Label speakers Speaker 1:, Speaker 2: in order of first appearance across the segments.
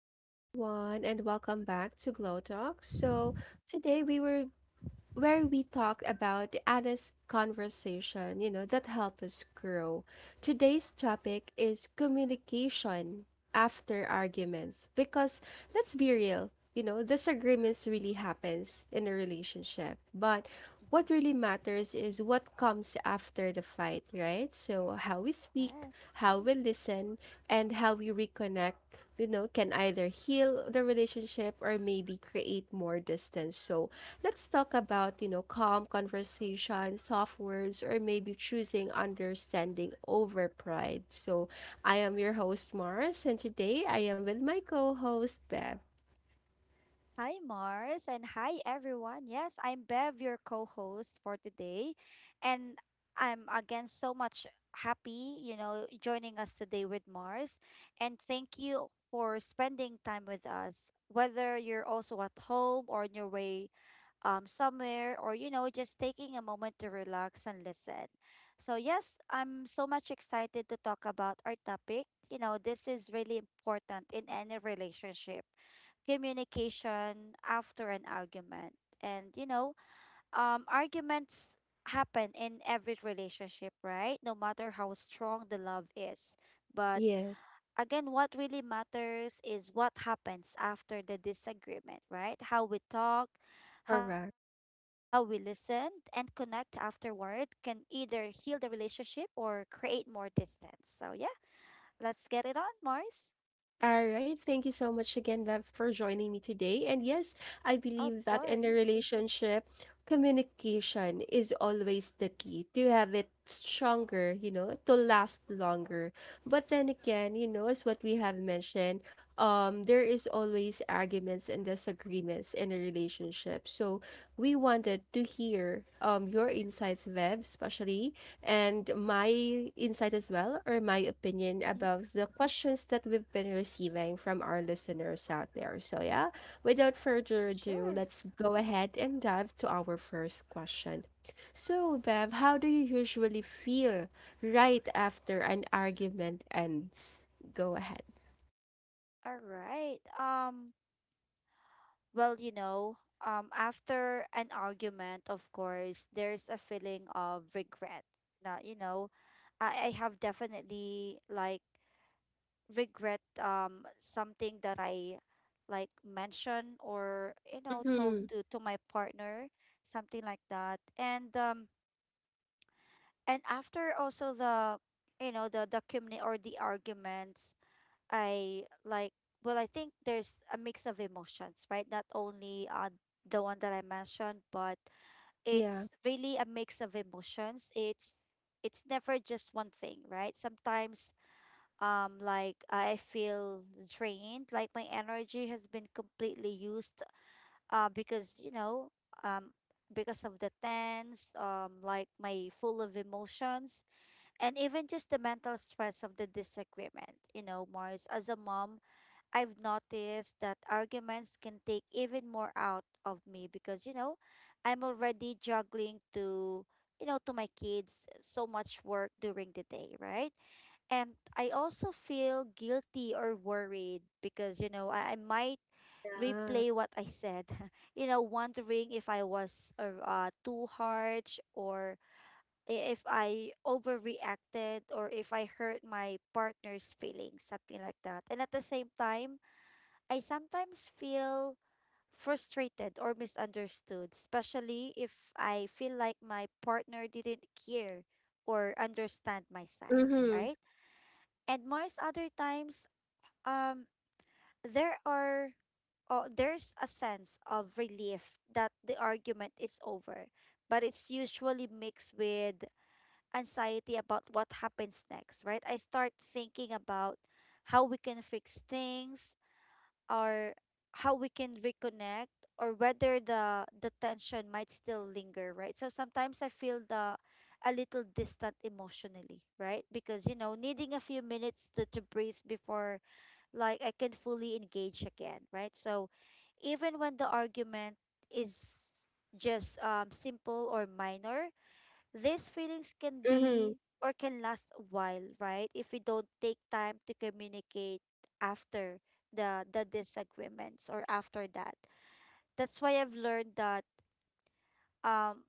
Speaker 1: Hello, everyone, and welcome back to Glow Talk. So, today we were where we talked about the honest conversation, that help us grow. Today's topic is communication after arguments because let's be real, disagreements really happens in a relationship. But
Speaker 2: Mhm.
Speaker 1: what really matters is what comes after the fight, right? So how we speak,
Speaker 2: Yes.
Speaker 1: how we listen, and how we reconnect, can either heal the relationship or maybe create more distance. So let's talk about, calm conversation, soft words, or maybe choosing understanding over pride. So I am your host, Mars, and today I am with my co-host, Bev.
Speaker 2: Hi, Mars, and hi, everyone. Yes, I'm Bev, your co host for today. And I'm again so much happy, joining us today with Mars. And thank you for spending time with us, whether you're also at home or on your way somewhere, or, just taking a moment to relax and listen. So, yes, I'm so much excited to talk about our topic. This is really important in any relationship communication after an argument. And, arguments happen in every relationship, right? No matter how strong the love is. But
Speaker 1: Yes,
Speaker 2: again, what really matters is what happens after the disagreement, right? How we talk, how we
Speaker 1: correct.
Speaker 2: listen, and connect afterward can either heal the relationship or create more distance. So, yeah, let's get it on, Mars.
Speaker 1: All right. Thank you so much again, Bev, for joining me today. And yes, I
Speaker 2: Of
Speaker 1: believe that in
Speaker 2: course.
Speaker 1: a relationship, communication is always the key to have it stronger, to last longer. But then again, as what we have mentioned, there is always arguments and disagreements in a relationship. So we wanted to hear your insights, Bev, especially and my insight as well, or my
Speaker 2: Hmm.
Speaker 1: opinion about the questions that we've been receiving from our listeners out there. So, yeah, without further
Speaker 2: Sure.
Speaker 1: ado, let's go ahead and dive to our first question. So, Bev, how do you usually feel right after an argument ends? Go ahead.
Speaker 2: All right. Well, after an argument, of course, there's a feeling of regret. Now, I have definitely like regret something that I like mentioned, or told
Speaker 1: Mm-hmm.
Speaker 2: to my partner, something like that. And and after also the community, or the arguments, I like, well, I think there's a mix of emotions, right? Not only the one that I mentioned, but
Speaker 1: Yeah.
Speaker 2: it's really a mix of emotions. It's never just one thing, right? Sometimes like I feel drained, like my energy has been completely used, because, um because of the tense, like my full of emotions, and even just the mental stress of the disagreement. Mars, as a mom, I've noticed that arguments can take even more out of me because, I'm already juggling to, to my kids, so much work during the day, right? And I also feel guilty or worried because, I might
Speaker 1: Yeah.
Speaker 2: replay what I said, wondering if I was too harsh, or if I overreacted, or if I hurt my partner's feelings, something like that. And at the same time, I sometimes feel frustrated or misunderstood, especially if I feel like my partner didn't care or understand my side,
Speaker 1: Mm-hmm.
Speaker 2: right? And most other times, um, there are oh, there's a sense of relief that the argument is over, but it's usually mixed with anxiety about what happens next, right? I start thinking about how we can fix things, or how we can reconnect, or whether the tension might still linger, right? So sometimes I feel the a little distant emotionally, right? Because, needing a few minutes to breathe before like I can fully engage again, right? So even when the argument is just simple or minor, these feelings can
Speaker 1: Mm-hmm.
Speaker 2: be, or can last a while, right? If we don't take time to communicate after the disagreements, or after that. That's why I've learned that um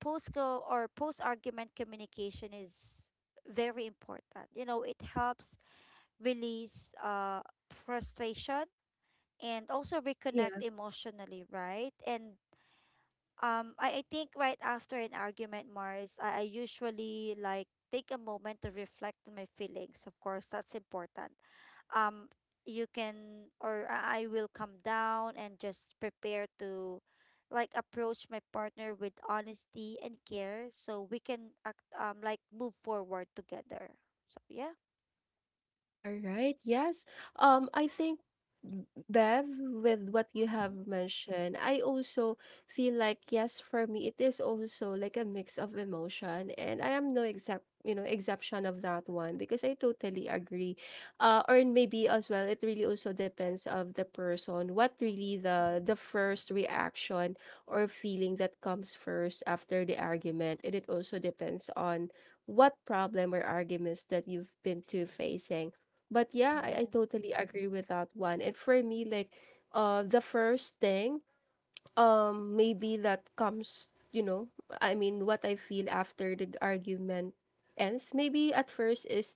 Speaker 2: post go or post argument communication is very important. It helps release frustration and also reconnect
Speaker 1: Yeah.
Speaker 2: emotionally, right? And I think right after an argument, Mars, I usually like take a moment to reflect on my feelings. Of course, that's important. Um, you can, or I will come down and just prepare to like approach my partner with honesty and care, so we can like move forward together. So yeah.
Speaker 1: All right. Yes. I think b- Bev, with what you have mentioned, I also feel like yes, for me, it is also like a mix of emotion, and I am no except you know exception of that one because I totally agree. Or maybe as well, it really also depends of the person. What really the
Speaker 2: Mm-hmm.
Speaker 1: first reaction or feeling that comes first after the argument, and it also depends on what problem or arguments that you've been to facing but yeah, I
Speaker 2: Yes.
Speaker 1: totally agree with that one. And for me, like the first thing maybe that comes, I mean, what I feel after the argument ends. Maybe at first is,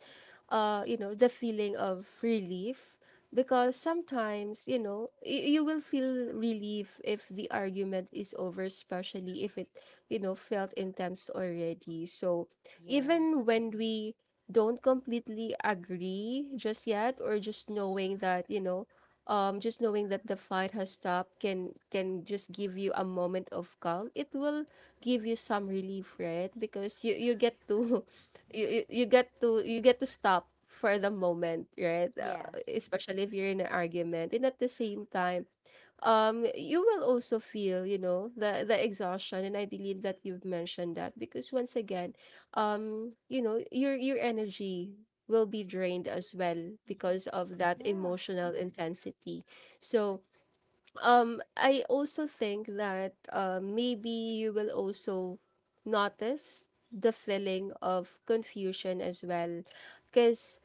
Speaker 1: you know, the feeling of relief because sometimes, you will feel relief if the argument is over, especially if it, felt intense already. So even
Speaker 2: Yes.
Speaker 1: when we don't completely agree just yet or just knowing that, just knowing that the fight has stopped can just give you a moment of calm. It will give you some relief, right? Because you get
Speaker 2: Yeah.
Speaker 1: to you get to stop for the moment, right?
Speaker 2: Yes.
Speaker 1: Especially if you're in an argument, and at the same time you will also feel the exhaustion and I believe that you've mentioned that because once again you know your energy will be drained as well
Speaker 2: Mm-hmm.
Speaker 1: because of that
Speaker 2: Yeah,
Speaker 1: emotional intensity. So I also think that maybe you will also notice the feeling of confusion as well because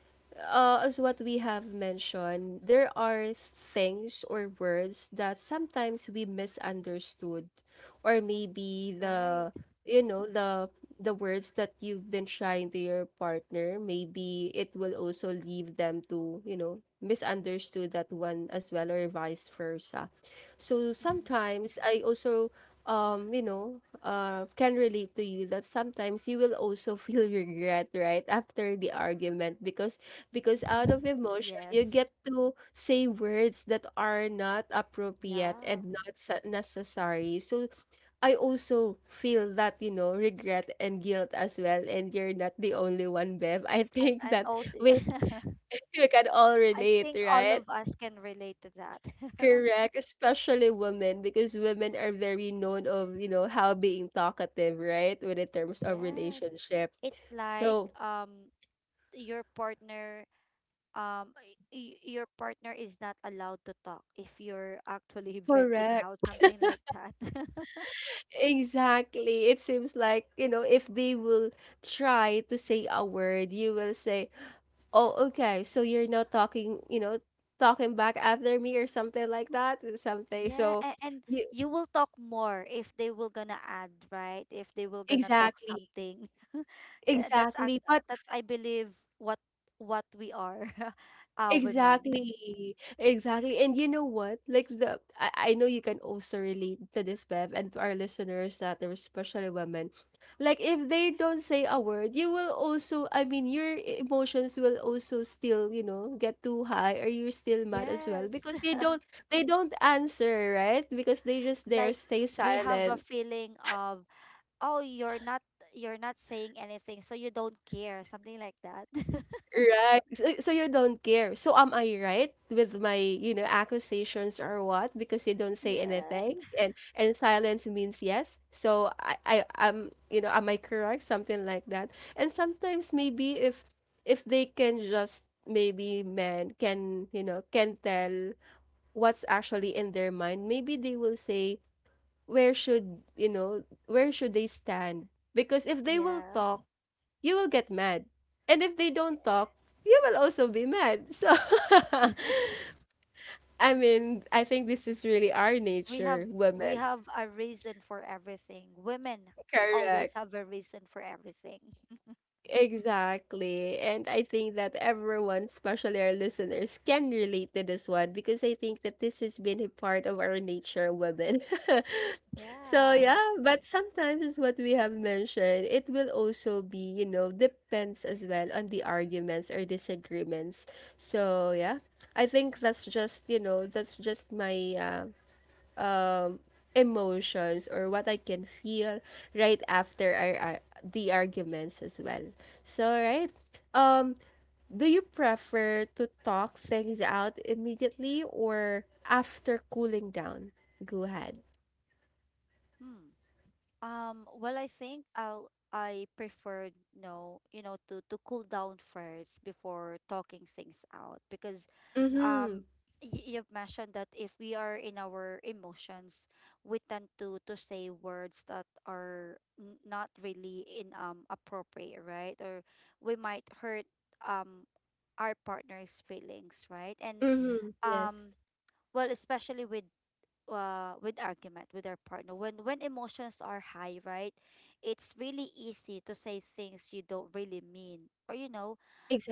Speaker 1: as what we have mentioned there are things or words that sometimes we misunderstood or maybe
Speaker 2: right.
Speaker 1: the the words that you've been trying to your partner maybe it will also leave them to misunderstood that one as well or vice versa. So
Speaker 2: Hmm.
Speaker 1: sometimes I also you know can relate to you that sometimes you will also feel regret right after the argument because out of
Speaker 2: Yes.
Speaker 1: emotion you get to say words that are not
Speaker 2: Yeah.
Speaker 1: appropriate and not necessary. So I also feel that you know regret and guilt as well, and you're not the only one, Bev. I
Speaker 2: I'm
Speaker 1: think
Speaker 2: I'm
Speaker 1: that
Speaker 2: also.
Speaker 1: we we can all
Speaker 2: I
Speaker 1: relate,
Speaker 2: think all of
Speaker 1: right?
Speaker 2: us can relate to that.
Speaker 1: Correct, especially women because women are very known of, you know, how being talkative, right? When in terms of
Speaker 2: Yes.
Speaker 1: relationship.
Speaker 2: It's like
Speaker 1: So,
Speaker 2: your partner your partner is not allowed to talk if you're actually venting
Speaker 1: correct.
Speaker 2: out something like that.
Speaker 1: Exactly. It seems like, you know, if they will try to say a word, you will say, "Oh, okay. So you're not talking, you know, talking back after me or something like that." Something.
Speaker 2: Yeah,
Speaker 1: So,
Speaker 2: and
Speaker 1: you
Speaker 2: you will talk more if they will gonna add, right? If they will gonna talk
Speaker 1: exactly.
Speaker 2: something. Uh, That's ac-
Speaker 1: Exactly. But
Speaker 2: uh, that's I believe what what we are, women.
Speaker 1: exactly, exactly. And you know what? Like the I know you can also relate to this, Bev, and to our listeners that are especially women. Like if they don't say a word, you will also I mean your emotions will also still, get too high or you're still mad as well
Speaker 2: Yes.
Speaker 1: because they don't answer, right? Because they just there
Speaker 2: Like
Speaker 1: stay
Speaker 2: we have a
Speaker 1: silent.
Speaker 2: feeling of, oh, you're not saying anything, so you don't care, something like that.
Speaker 1: Right. So so you don't care. So am I right with my, accusations or what? Because you don't say anything
Speaker 2: Yeah.
Speaker 1: and silence means yes. So I am, am I correct? Something like that. And sometimes maybe if they can just maybe men can, can tell what's actually in their mind, maybe they will say where should, where should they stand? Because if they will
Speaker 2: Yeah.
Speaker 1: talk you will get mad. And if they don't talk, you will also be mad. So, I mean, I think this is really our
Speaker 2: We have
Speaker 1: nature,
Speaker 2: we
Speaker 1: women.
Speaker 2: have a reason for everything. Women always
Speaker 1: Correct.
Speaker 2: have a reason for everything.
Speaker 1: Exactly. And I think that everyone, especially our listeners, can relate to this one because I think that this has been a part of our nature, women. So,
Speaker 2: Yeah.
Speaker 1: yeah, but sometimes, as what we have mentioned, it will also be, depends as well on the arguments or disagreements. So, yeah, I think that's just, that's just my. Um, emotions or what I can feel right after our the arguments as well. So right, um, do you prefer to talk things out immediately or after cooling down? Go ahead.
Speaker 2: Hmm. Well, I think I prefer, no, to cool down first before talking things out, because
Speaker 1: Mm-hmm.
Speaker 2: um you've mentioned that if we are in our emotions, we tend to say words that are not really in appropriate, right? Or we might hurt um our partner's feelings, right? And
Speaker 1: Mm-hmm. Yes.
Speaker 2: um well, especially with argument with our partner, when emotions are high, right? It's really easy to say things you don't really mean, or you know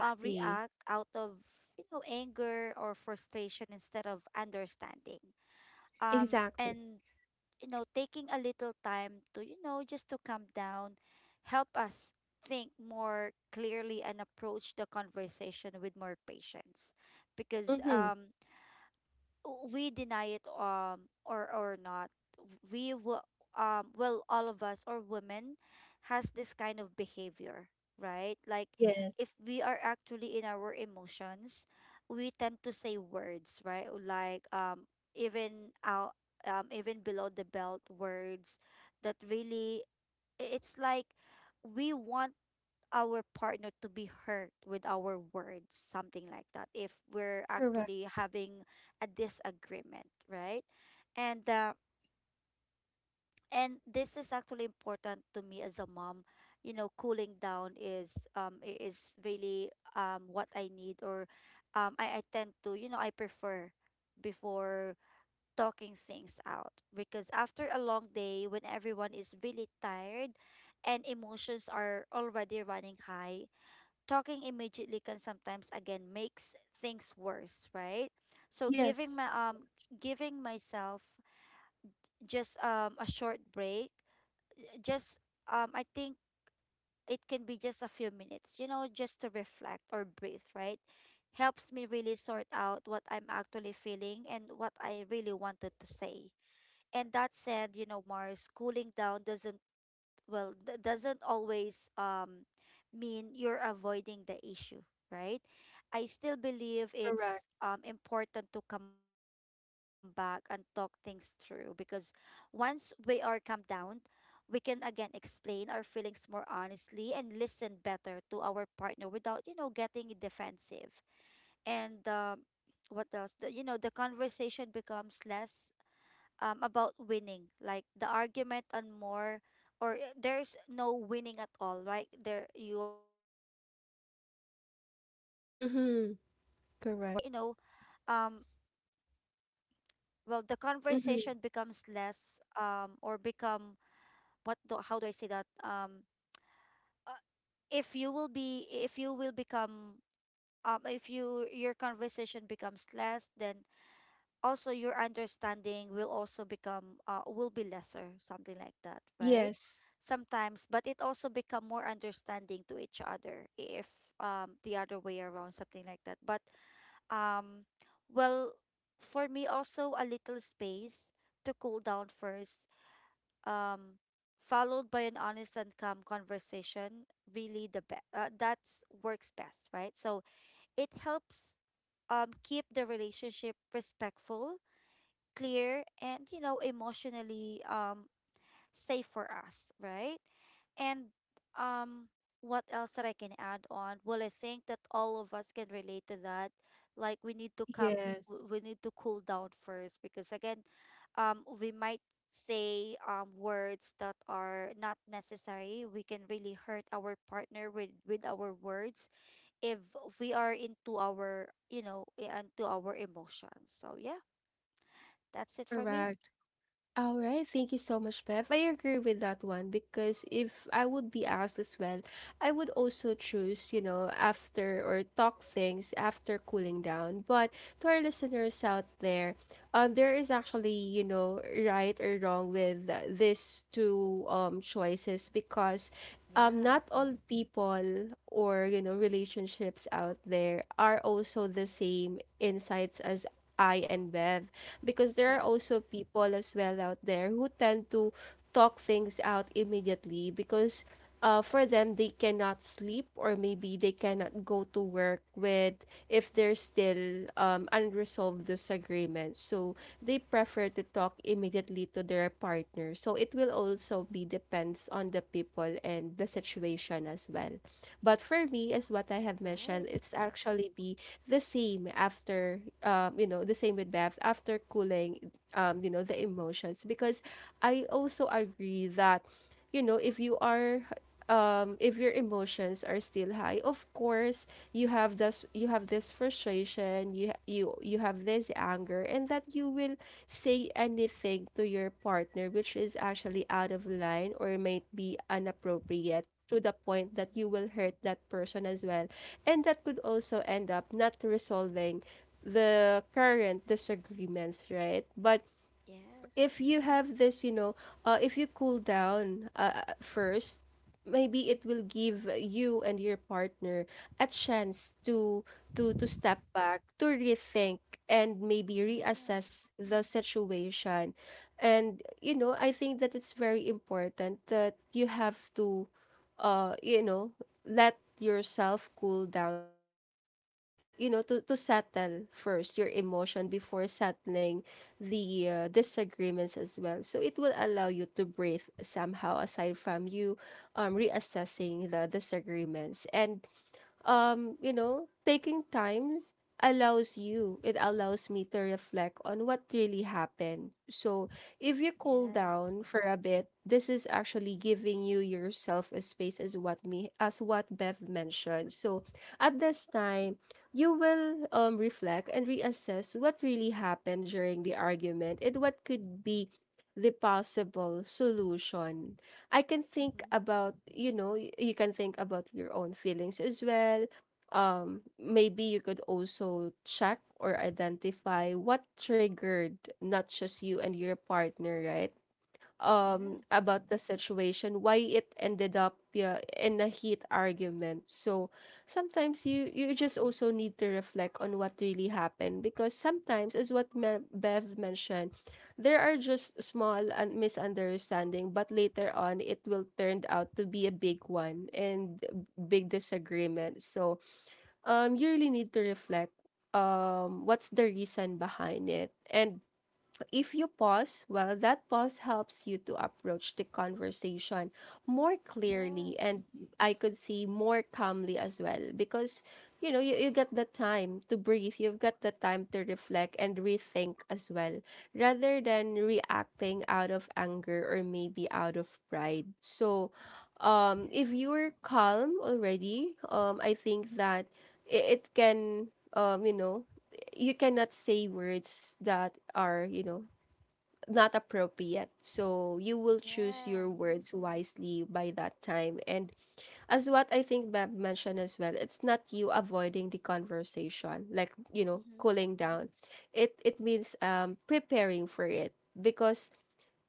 Speaker 2: uh, react out of, anger or frustration, instead of understanding.
Speaker 1: Exactly.
Speaker 2: And Taking a little time to, just to calm down, help us think more clearly and approach the conversation with more patience, because
Speaker 1: Mm-hmm.
Speaker 2: we deny it, or not, we will, well, all of us, or women, has this kind of behavior, right? Like
Speaker 1: Yes.
Speaker 2: if we are actually in our emotions, we tend to say words, right? Like even out even below the belt words, that really it's like we want our partner to be hurt with our words, something like that, if we're
Speaker 1: Correct.
Speaker 2: actually having a disagreement, right? And uh, and this is actually important to me as a mom. Cooling down is is really what I need, or I tend to, I prefer, before talking things out, because after a long day, when everyone is really tired and emotions are already running high, talking immediately can sometimes again makes things worse, right? So
Speaker 1: Yes.
Speaker 2: giving myself just a short break, just I think it can be just a few minutes, just to reflect or breathe, right? Helps me really sort out what I'm actually feeling and what I really wanted to say. And that said, Mars, cooling down doesn't well, that doesn't always mean you're avoiding the issue, right? I still believe
Speaker 1: Correct.
Speaker 2: it's important to come back and talk things through, because once we are calmed down, we can again explain our feelings more honestly and listen better to our partner without, getting defensive. And what else, the, the conversation becomes less, about winning, like the argument, and more, there's no winning at all, right? There, you are not competing to your partner because of
Speaker 1: Mm-hmm.
Speaker 2: that argument.
Speaker 1: Correct.
Speaker 2: And um well, the
Speaker 1: Mm-hmm.
Speaker 2: conversation becomes less, or become. What do How do I say that? Uh, if you will become, if you your conversation becomes less, then also your understanding will also become will be lesser, something like that, right?
Speaker 1: Yes.
Speaker 2: Sometimes. But it also become more understanding to each other if the other way around, something like that. But um well, for me, also a little space to cool down first, um followed by an honest and calm conversation, really the best, that's works best, right? So it helps keep the relationship respectful, clear, and, emotionally safe for us, right? And um what else that I can add on? Well, I think that all of us can relate to that. Like we need to
Speaker 1: Yes.
Speaker 2: we need to cool down first, because again, we might say words that are not necessary. We can really hurt our partner with our words if we are into our, into our emotions. So yeah, that's it for me.
Speaker 1: Correct. All right, thank you so much, Bev. I agree with that one because if I would be asked as well, I would also choose, after or talk things after cooling down. But to our listeners out there, there is actually, right or wrong with these two choices because
Speaker 2: Yeah.
Speaker 1: not all people or you know relationships out there are also the same insights as I and Bev because there are
Speaker 2: Yes.
Speaker 1: also people as well out there who tend to talk things out immediately because for them they cannot sleep or maybe they cannot go to work with if there's still unresolved disagreement. So they prefer to talk immediately to their partner so it will also be depends on the people and the situation as well. But for me as what I have mentioned
Speaker 2: Right.
Speaker 1: it's actually be like the same after you know the same with Beth after cooling you know the emotions because I also agree that you know if you are if your emotions are still high, of course you have this frustration, you have this anger, and that you will say anything to your partner which is actually out of line or might be inappropriate to the point that
Speaker 2: Mm-hmm.
Speaker 1: you will hurt that person as well. And that could also end up not resolving the current disagreements, right? But
Speaker 2: Yes.
Speaker 1: if you have this, if you cool down first, maybe it will give you and your partner a chance to step back, to rethink, and maybe
Speaker 2: Yeah.
Speaker 1: reassess the situation. And you know, I think that it's very important that you have to, you know, let yourself cool down to you know to settle first your emotion before settling the disagreements as well. So it will allow you to breathe somehow aside from you reassessing the disagreements and you know, taking times allows you, it allows me to reflect on what really happened. So if you cool
Speaker 2: Yes.
Speaker 1: down for a bit, this is actually giving you yourself a space as what me as what Bev mentioned. So at this time, you will reflect and reassess what really happened during the argument and what could be the possible solution I can think
Speaker 2: Mm-hmm.
Speaker 1: about, you can think about your own feelings as well. Maybe you could also check or identify what triggered not just you and your partner, right?
Speaker 2: Yes.
Speaker 1: About the situation why it ended up, yeah, in a heat argument. So sometimes you just also need to reflect on what really happened because sometimes, as what Bev mentioned, there are just small and misunderstanding, but later on it will turn out to be a big one and big disagreement. So you really need to reflect what's the reason behind it. And if you pause, well, that pause helps you to approach the conversation more clearly,
Speaker 2: Yes.
Speaker 1: and I could see more calmly as well because, you know, you get the time to breathe, you've got the time to reflect and rethink as well rather than reacting out of anger or maybe out of pride. So if
Speaker 2: Yes.
Speaker 1: you're calm already, I think that it can um you know you cannot say words that are, you know, not appropriate. So you will choose
Speaker 2: Yeah.
Speaker 1: your words wisely by that time. And as what I think Bab mentioned as well, it's not you avoiding the conversation, like, you know,
Speaker 2: Mm-hmm.
Speaker 1: cooling down. It means preparing for it because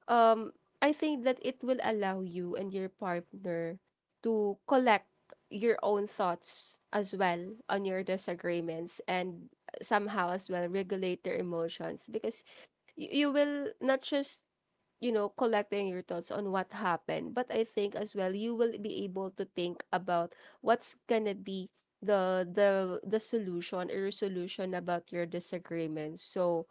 Speaker 1: um I think that it will allow you and your partner to collect your own thoughts as well on your disagreements and somehow as well regulate their emotions because you will not just, you know, collecting your thoughts on what happened. But I think as well you will be able to think about what's gonna be the solution or resolution about your disagreement. So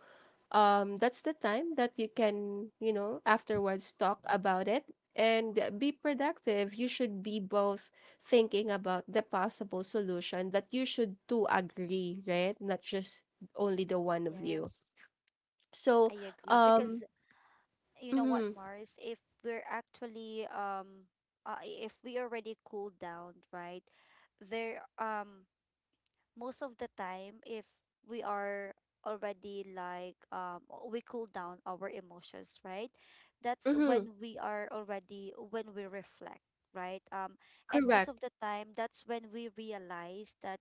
Speaker 1: that's the time that you can, you
Speaker 2: Right.
Speaker 1: know, afterwards talk about it and be productive. You should be both thinking about the possible solution that you should two agree, right? Not just only the one of
Speaker 2: Yes.
Speaker 1: you.
Speaker 2: I
Speaker 1: So
Speaker 2: agree, because
Speaker 1: um
Speaker 2: you know what,
Speaker 1: mm-hmm,
Speaker 2: Mars, if we're actually if we already cooled down, right? There Most of the time, if we are already, like, we cool down our emotions, right? That's
Speaker 1: mm-hmm,
Speaker 2: when we are already, when we reflect, right? And most
Speaker 1: correct.
Speaker 2: of the time, that's when we realize that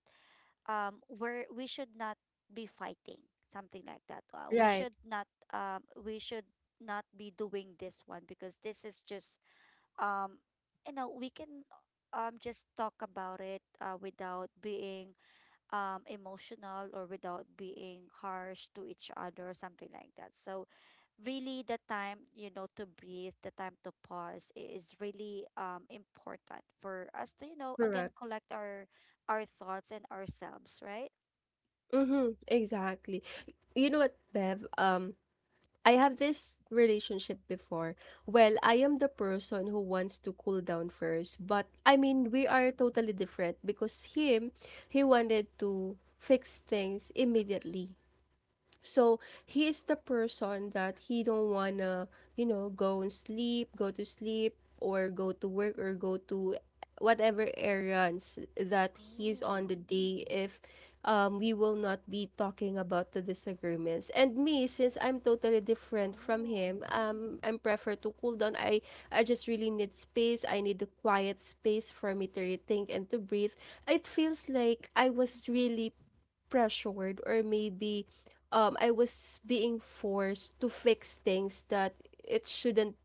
Speaker 2: we should not be fighting, something like that.
Speaker 1: Right,
Speaker 2: We should not be doing this one, because this is just um we can just talk about it, without being emotional, or without being harsh to each other, or something like that. So really, the time, to breathe, the time to pause, is really important for us to, again
Speaker 1: correct.
Speaker 2: collect our thoughts and ourselves, right?
Speaker 1: Mhm, exactly. You know what, Bev? I have
Speaker 2: Hmm.
Speaker 1: this relationship before. Well, I am the person who wants to cool down first, but I mean, we
Speaker 2: Mm.
Speaker 1: are totally different because him, he wanted to fix things immediately. So he is the person that he don't wanna, you know, go and sleep, go to sleep, or go to work, or go to whatever errands that he's on
Speaker 2: Oh.
Speaker 1: the day if we will not be talking about the disagreements. And me, since I'm totally different from
Speaker 2: Oh.
Speaker 1: him, I'm prefer to cool down. I just really need space. I need a quiet space for me to rethink and to breathe. It feels like I was
Speaker 2: Mm-hmm.
Speaker 1: really pressured or maybe I was being forced to fix things that it shouldn't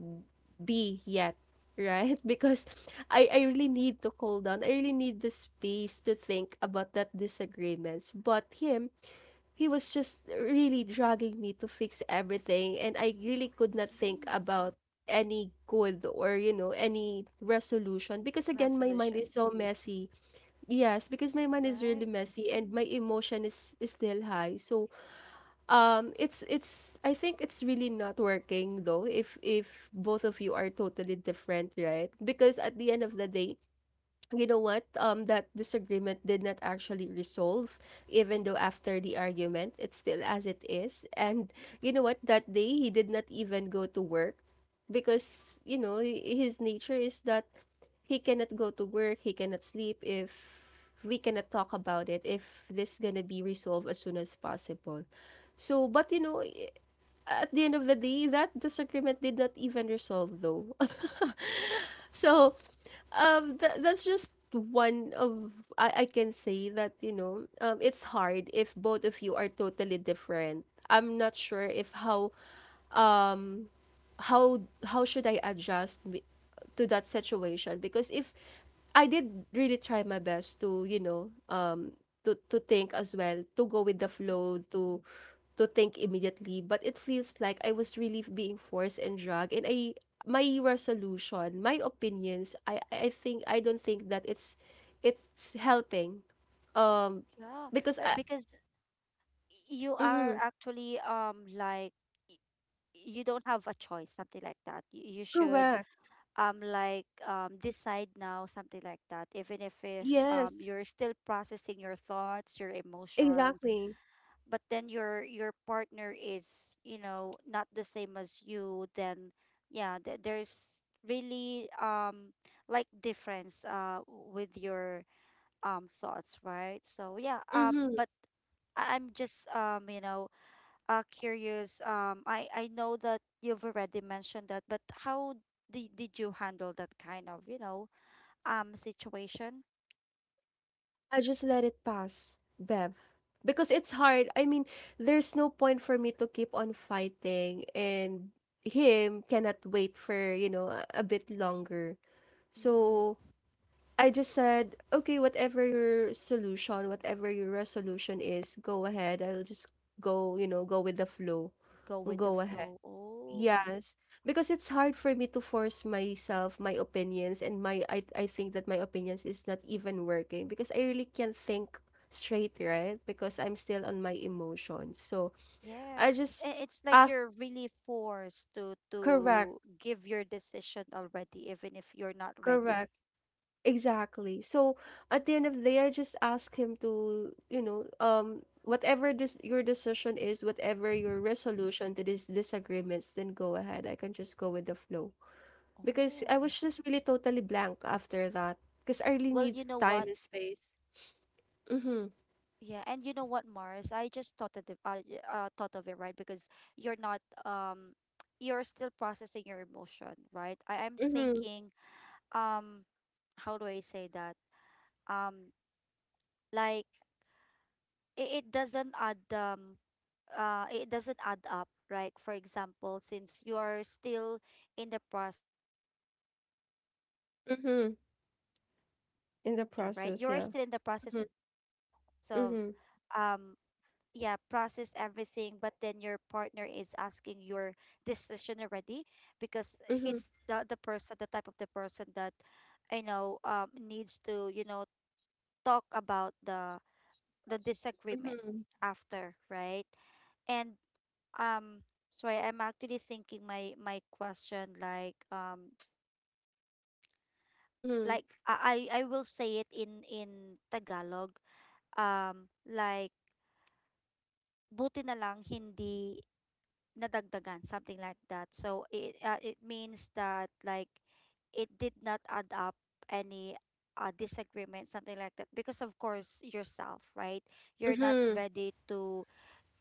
Speaker 1: be yet, right? Because I really need to cool down. I really need the space to think about that disagreements. But him, he was just really dragging me to fix everything and I really could not think
Speaker 2: Mm.
Speaker 1: about any good or, you know, any resolution because again my mind
Speaker 2: Resolution,
Speaker 1: is so messy. Yes, because my mind is really
Speaker 2: right.
Speaker 1: messy and my emotion is still high. So it's I think it's really not working though if both of you are totally different, right? Because at the end of the day, you know what, that disagreement did not actually resolve even though after the argument it's still as it is. And you know what, that day he did not even go to work because, you know, his nature is that he cannot go to work, he cannot sleep if we cannot talk about it, if this gonna be resolved as soon as possible. So but you know at the end of the day that disagreement did not even resolve though. So that's just one of. I can say that, you know, it's hard if both of you are totally different. I'm not sure if how um how should I adjust to that situation because if I did really try my best to, you know, to think as well, to go with the
Speaker 2: Mm-hmm.
Speaker 1: flow, to think immediately, but it feels like I was really being forced and dragged, and I, my resolution, my opinions, I think I don't think that it's helping um
Speaker 2: Yeah,
Speaker 1: because
Speaker 2: but
Speaker 1: I
Speaker 2: because you are
Speaker 1: mhm.
Speaker 2: actually like you don't have a choice, something like that. You should
Speaker 1: Correct,
Speaker 2: like decide now, something like that, even if
Speaker 1: yes,
Speaker 2: you're still processing your thoughts, your emotions.
Speaker 1: exactly,
Speaker 2: But then your partner is, you know, not the same as you then. Yeah, there's really, like, difference, with your thoughts, right? So yeah,
Speaker 1: mhm.
Speaker 2: but I'm just, you know, curious. I know that you've already mentioned that, but how did you handle that kind of, you know, situation?
Speaker 1: I just let it pass, Bev. Because it's hard. I mean, there's no point for me to keep on fighting and him cannot wait for, you know, a bit longer.
Speaker 2: Hmm.
Speaker 1: So I just said, okay, whatever your solution, whatever your resolution is, go ahead. I'll just go, you know, go with the flow.
Speaker 2: Go with the
Speaker 1: Go ahead.
Speaker 2: flow. Oh.
Speaker 1: Yes, because it's hard for me to force myself, my opinions, and my I think that my opinions is not even working because I really can't think straight, right? Because I'm still on my emotions. So I
Speaker 2: Yes,
Speaker 1: just
Speaker 2: it's like
Speaker 1: ask,
Speaker 2: you're really forced to
Speaker 1: correct,
Speaker 2: give your decision already, even if you're not ready.
Speaker 1: correct, exactly. So at the end of the day, I just ask him to, you know, whatever this your decision is, whatever your resolution to these disagreements, then go ahead. I can just go with the flow. Because I
Speaker 2: Oh,
Speaker 1: was just really totally blank after that. Because I really
Speaker 2: well,
Speaker 1: need
Speaker 2: you know
Speaker 1: time
Speaker 2: what.
Speaker 1: and space.
Speaker 2: Yeah, and you know
Speaker 1: Mhm,
Speaker 2: what, Mars? I just thought that the, y- thought of it, right? Because you're not, um you're still processing your emotion, right? I am
Speaker 1: mhm,
Speaker 2: thinking, um how do I say that? Um like it, it doesn't add up, right? For example, since you are still in the process of,
Speaker 1: mhm.
Speaker 2: um
Speaker 1: In the
Speaker 2: processing
Speaker 1: process, yeah.
Speaker 2: everything, right? You are
Speaker 1: Mhm,
Speaker 2: still in the process of,
Speaker 1: mhm,
Speaker 2: um yeah, process everything, but then your partner is asking your decision already, because
Speaker 1: mhm,
Speaker 2: he's the type of the person that I know, needs to, you know, talk about the disagreement
Speaker 1: mhm,
Speaker 2: after, right? And, so, I'm actually thinking my question, like,
Speaker 1: mhm,
Speaker 2: like I will say it in Tagalog, like, buti na lang hindi nadagdagan, something like that. So it means that, like, it did not add up any, disagreement, something like that. Because, of course, yourself, right? You're not
Speaker 1: mhm.
Speaker 2: ready to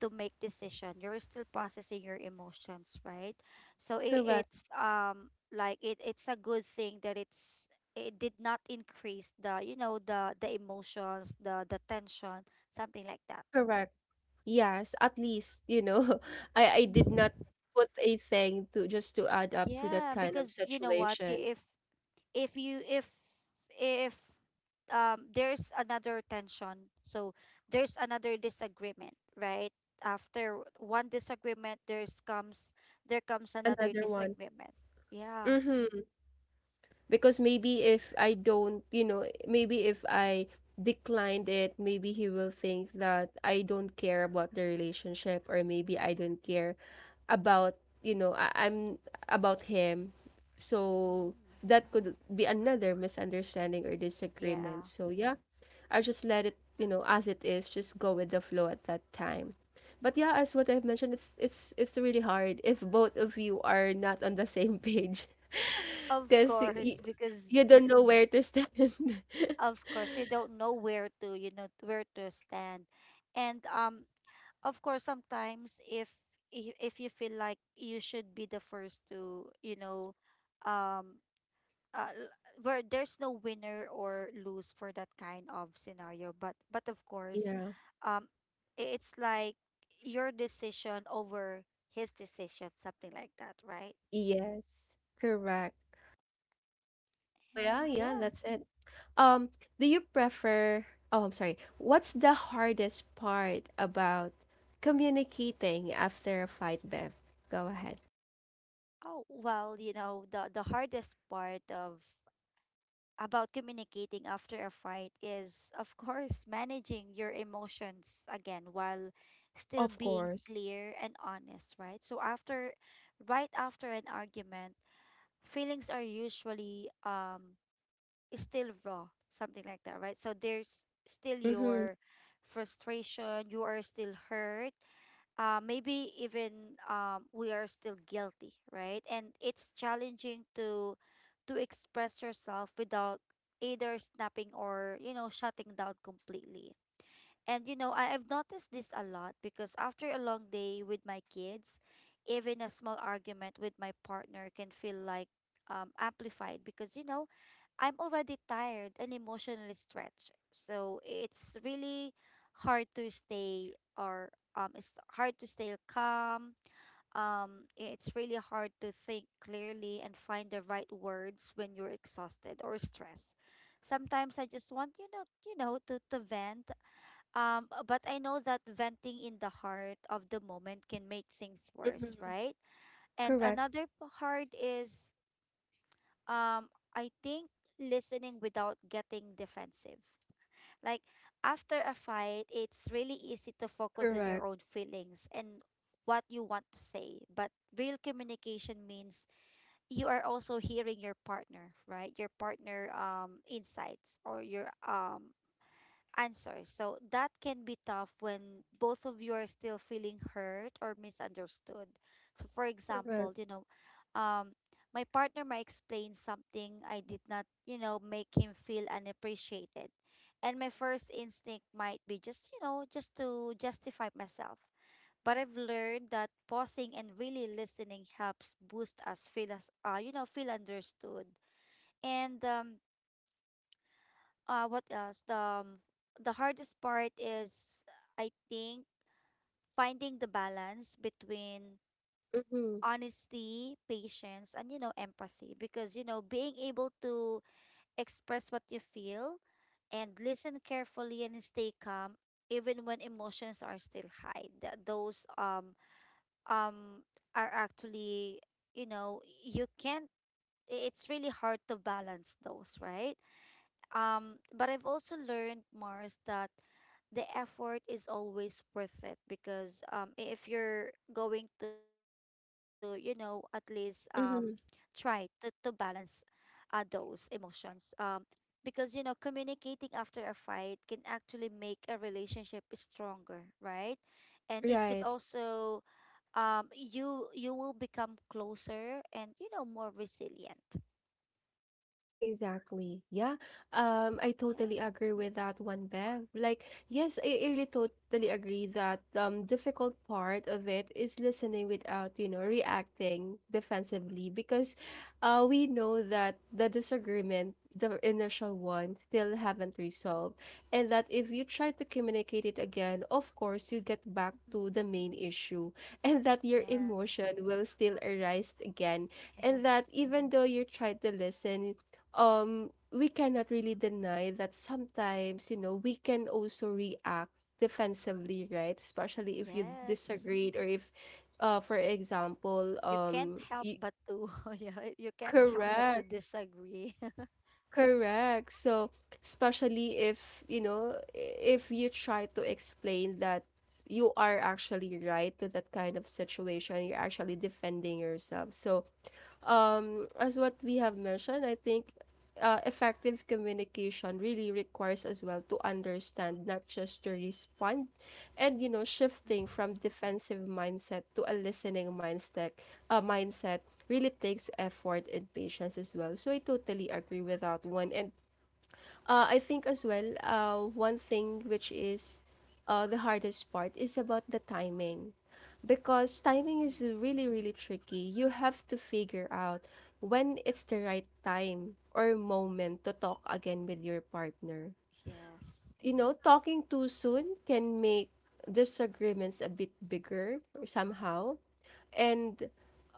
Speaker 2: make decision. You're still processing your emotions, right? So it,
Speaker 1: Correct,
Speaker 2: it's um like, it's a good thing that it did not increase the, the emotions, the tension, something like that.
Speaker 1: correct. Yes, at least, you know, I did
Speaker 2: Mhm.
Speaker 1: not put a thing to just to add up to that
Speaker 2: Yeah,
Speaker 1: kind of
Speaker 2: because you know what,
Speaker 1: situation.
Speaker 2: I- if you if there's another tension, so there's another disagreement, right? After one disagreement, there comes another
Speaker 1: Another one.
Speaker 2: disagreement. Yeah.
Speaker 1: Mhm. Because maybe if I don't, you know, maybe if I declined it, maybe he will think that I don't care about the relationship or maybe I don't care about, you know, I'm about him. So
Speaker 2: Mm.
Speaker 1: that could be another misunderstanding or disagreement.
Speaker 2: Yeah,
Speaker 1: So yeah, I just let it, you know, as it is, just go with the flow at that time. But yeah, as what I've mentioned, it's really hard if both of you are not on the same page
Speaker 2: of
Speaker 1: because
Speaker 2: course. Because
Speaker 1: you don't know where to stand.
Speaker 2: of course you don't know where to, where to stand. And, of course, sometimes, if you feel like you should be the first to, you know, um uh, l- where there's no winner or lose for that kind of scenario. But of course,
Speaker 1: Yeah.
Speaker 2: um it's like your decision over his decision, something like that, right?
Speaker 1: Yes. Correct. Oh yeah,
Speaker 2: And
Speaker 1: yeah,
Speaker 2: yeah.
Speaker 1: that's it. Um, do you prefer. Oh, I'm sorry. What's the hardest part about communicating after a fight, Bev? Go ahead.
Speaker 2: Oh, well, you know, the hardest part of about communicating after a fight is, of course, managing your emotions again while still
Speaker 1: Of
Speaker 2: being
Speaker 1: course.
Speaker 2: clear and honest, right? So after right after an argument, feelings are usually, still raw, something like that, right? So there's still
Speaker 1: Mm-hmm.
Speaker 2: your frustration, you are still hurt, maybe even, we are still guilty, right? And it's challenging to express yourself without either snapping or, you know, shutting down completely. And, you know, I've noticed this a lot, because after a long day with my kids, even a small argument with my partner can feel like, amplified, because, you know, I'm already tired and emotionally stretched. So it's really hard to stay or it's hard to stay calm. It's really hard to think clearly and find the right words when you're exhausted or stressed. Sometimes I just want, to, vent, but I know that venting in the heart of the moment can make things worse,
Speaker 1: Mm-hmm.
Speaker 2: right? And
Speaker 1: Correct.
Speaker 2: another hard is, um, I think, listening without getting defensive. Like, after a fight, it's really easy to focus on your
Speaker 1: Correct.
Speaker 2: own feelings and what you want to say. But real communication means you are also hearing your partner, right? Your partner, insights, or your, answers. So that can be tough when both of you are still feeling hurt or misunderstood. So, for example,
Speaker 1: Correct.
Speaker 2: um my partner might explain something I did not, make him feel unappreciated. And my first instinct might be just, just to justify myself. But I've learned that pausing and really listening helps boost us feel us, you know, feel understood. And what else? The hardest part is, I think, finding the balance between
Speaker 1: Mm-hmm.
Speaker 2: honesty, patience, and, you know, empathy, because, you know, being able to express what you feel and listen carefully and stay calm, even when emotions are still high, those, um are actually, you know, you can't I- it's really hard to balance those, right? But I've also learned, Mars, that the effort is always worth it, because, if you're going to, you know, at least, try
Speaker 1: Mm-hmm.
Speaker 2: to, balance, those emotions. Because, you know, communicating after a fight can actually make a relationship stronger, right? And it could
Speaker 1: Right.
Speaker 2: also, you will become closer and, you know, more resilient.
Speaker 1: Exactly.
Speaker 2: So
Speaker 1: Yeah.
Speaker 2: yeah.
Speaker 1: I totally agree with that one, Bev. Like, yes, I really totally agree that difficult part of it is listening without, you know, reacting defensively because we know that the disagreement, the initial one, still haven't resolved. And that if you try to communicate it again, of course you get back
Speaker 2: Mhm.
Speaker 1: to the main issue and that your
Speaker 2: Yes,
Speaker 1: emotion will still arise again. And that
Speaker 2: yes,
Speaker 1: even though you try to listen, we cannot really deny that sometimes, you know, we can also react defensively, right? Especially if you
Speaker 2: yes.
Speaker 1: disagreed or if for example
Speaker 2: You can't help
Speaker 1: you,
Speaker 2: but to yeah, you can't help but to
Speaker 1: correct,
Speaker 2: disagree.
Speaker 1: correct. So especially if, you know, if you try to explain that you are actually right to that kind of situation, you're actually defending yourself. So as what we have mentioned, I think effective communication really requires as well to understand, not just to respond, and, you know, shifting
Speaker 2: Hmm.
Speaker 1: from defensive mindset to a listening mindset. Mindset really takes effort and patience as well. So I totally agree with that one, and I think as well, one thing which is the hardest part is about the timing. Because timing is
Speaker 2: Mm.
Speaker 1: really, really tricky. You have to figure out when it's the right time or moment to talk again with your partner.
Speaker 2: Yes.
Speaker 1: You know, talking too soon can make disagreements a bit bigger somehow. And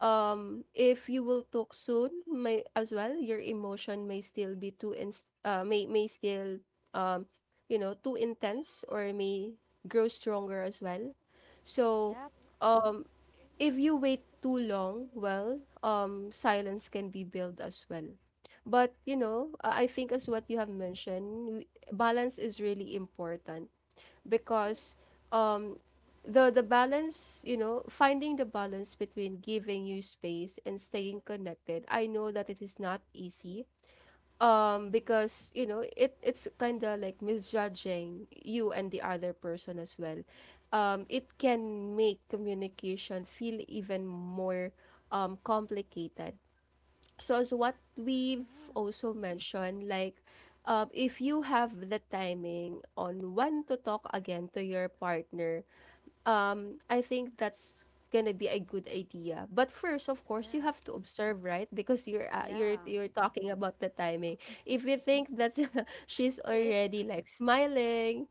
Speaker 1: if you will talk soon, may as well, your emotion may still be too ins may still um, you know, too intense or may grow stronger as well. So,
Speaker 2: Yep.
Speaker 1: um, if you wait too long, well, silence can be built as well. But you know, I think as
Speaker 2: Mm-hmm.
Speaker 1: what you have mentioned, balance is really important because um, the balance, you know, finding the balance between giving you space and staying connected. I know that it is not easy,
Speaker 2: Mm-hmm.
Speaker 1: because you know it's kind of like misjudging you and the other person as well. It can make communication feel even more complicated. So as what we've
Speaker 2: Yeah.
Speaker 1: also mentioned, like if you have the timing on when to talk again to your partner, I think that's gonna be a good idea. But first, of course, you have
Speaker 2: Yes.
Speaker 1: to observe, right? Because you're
Speaker 2: Yeah.
Speaker 1: you're talking about the timing. If you think that she's already
Speaker 2: It's
Speaker 1: like smiling,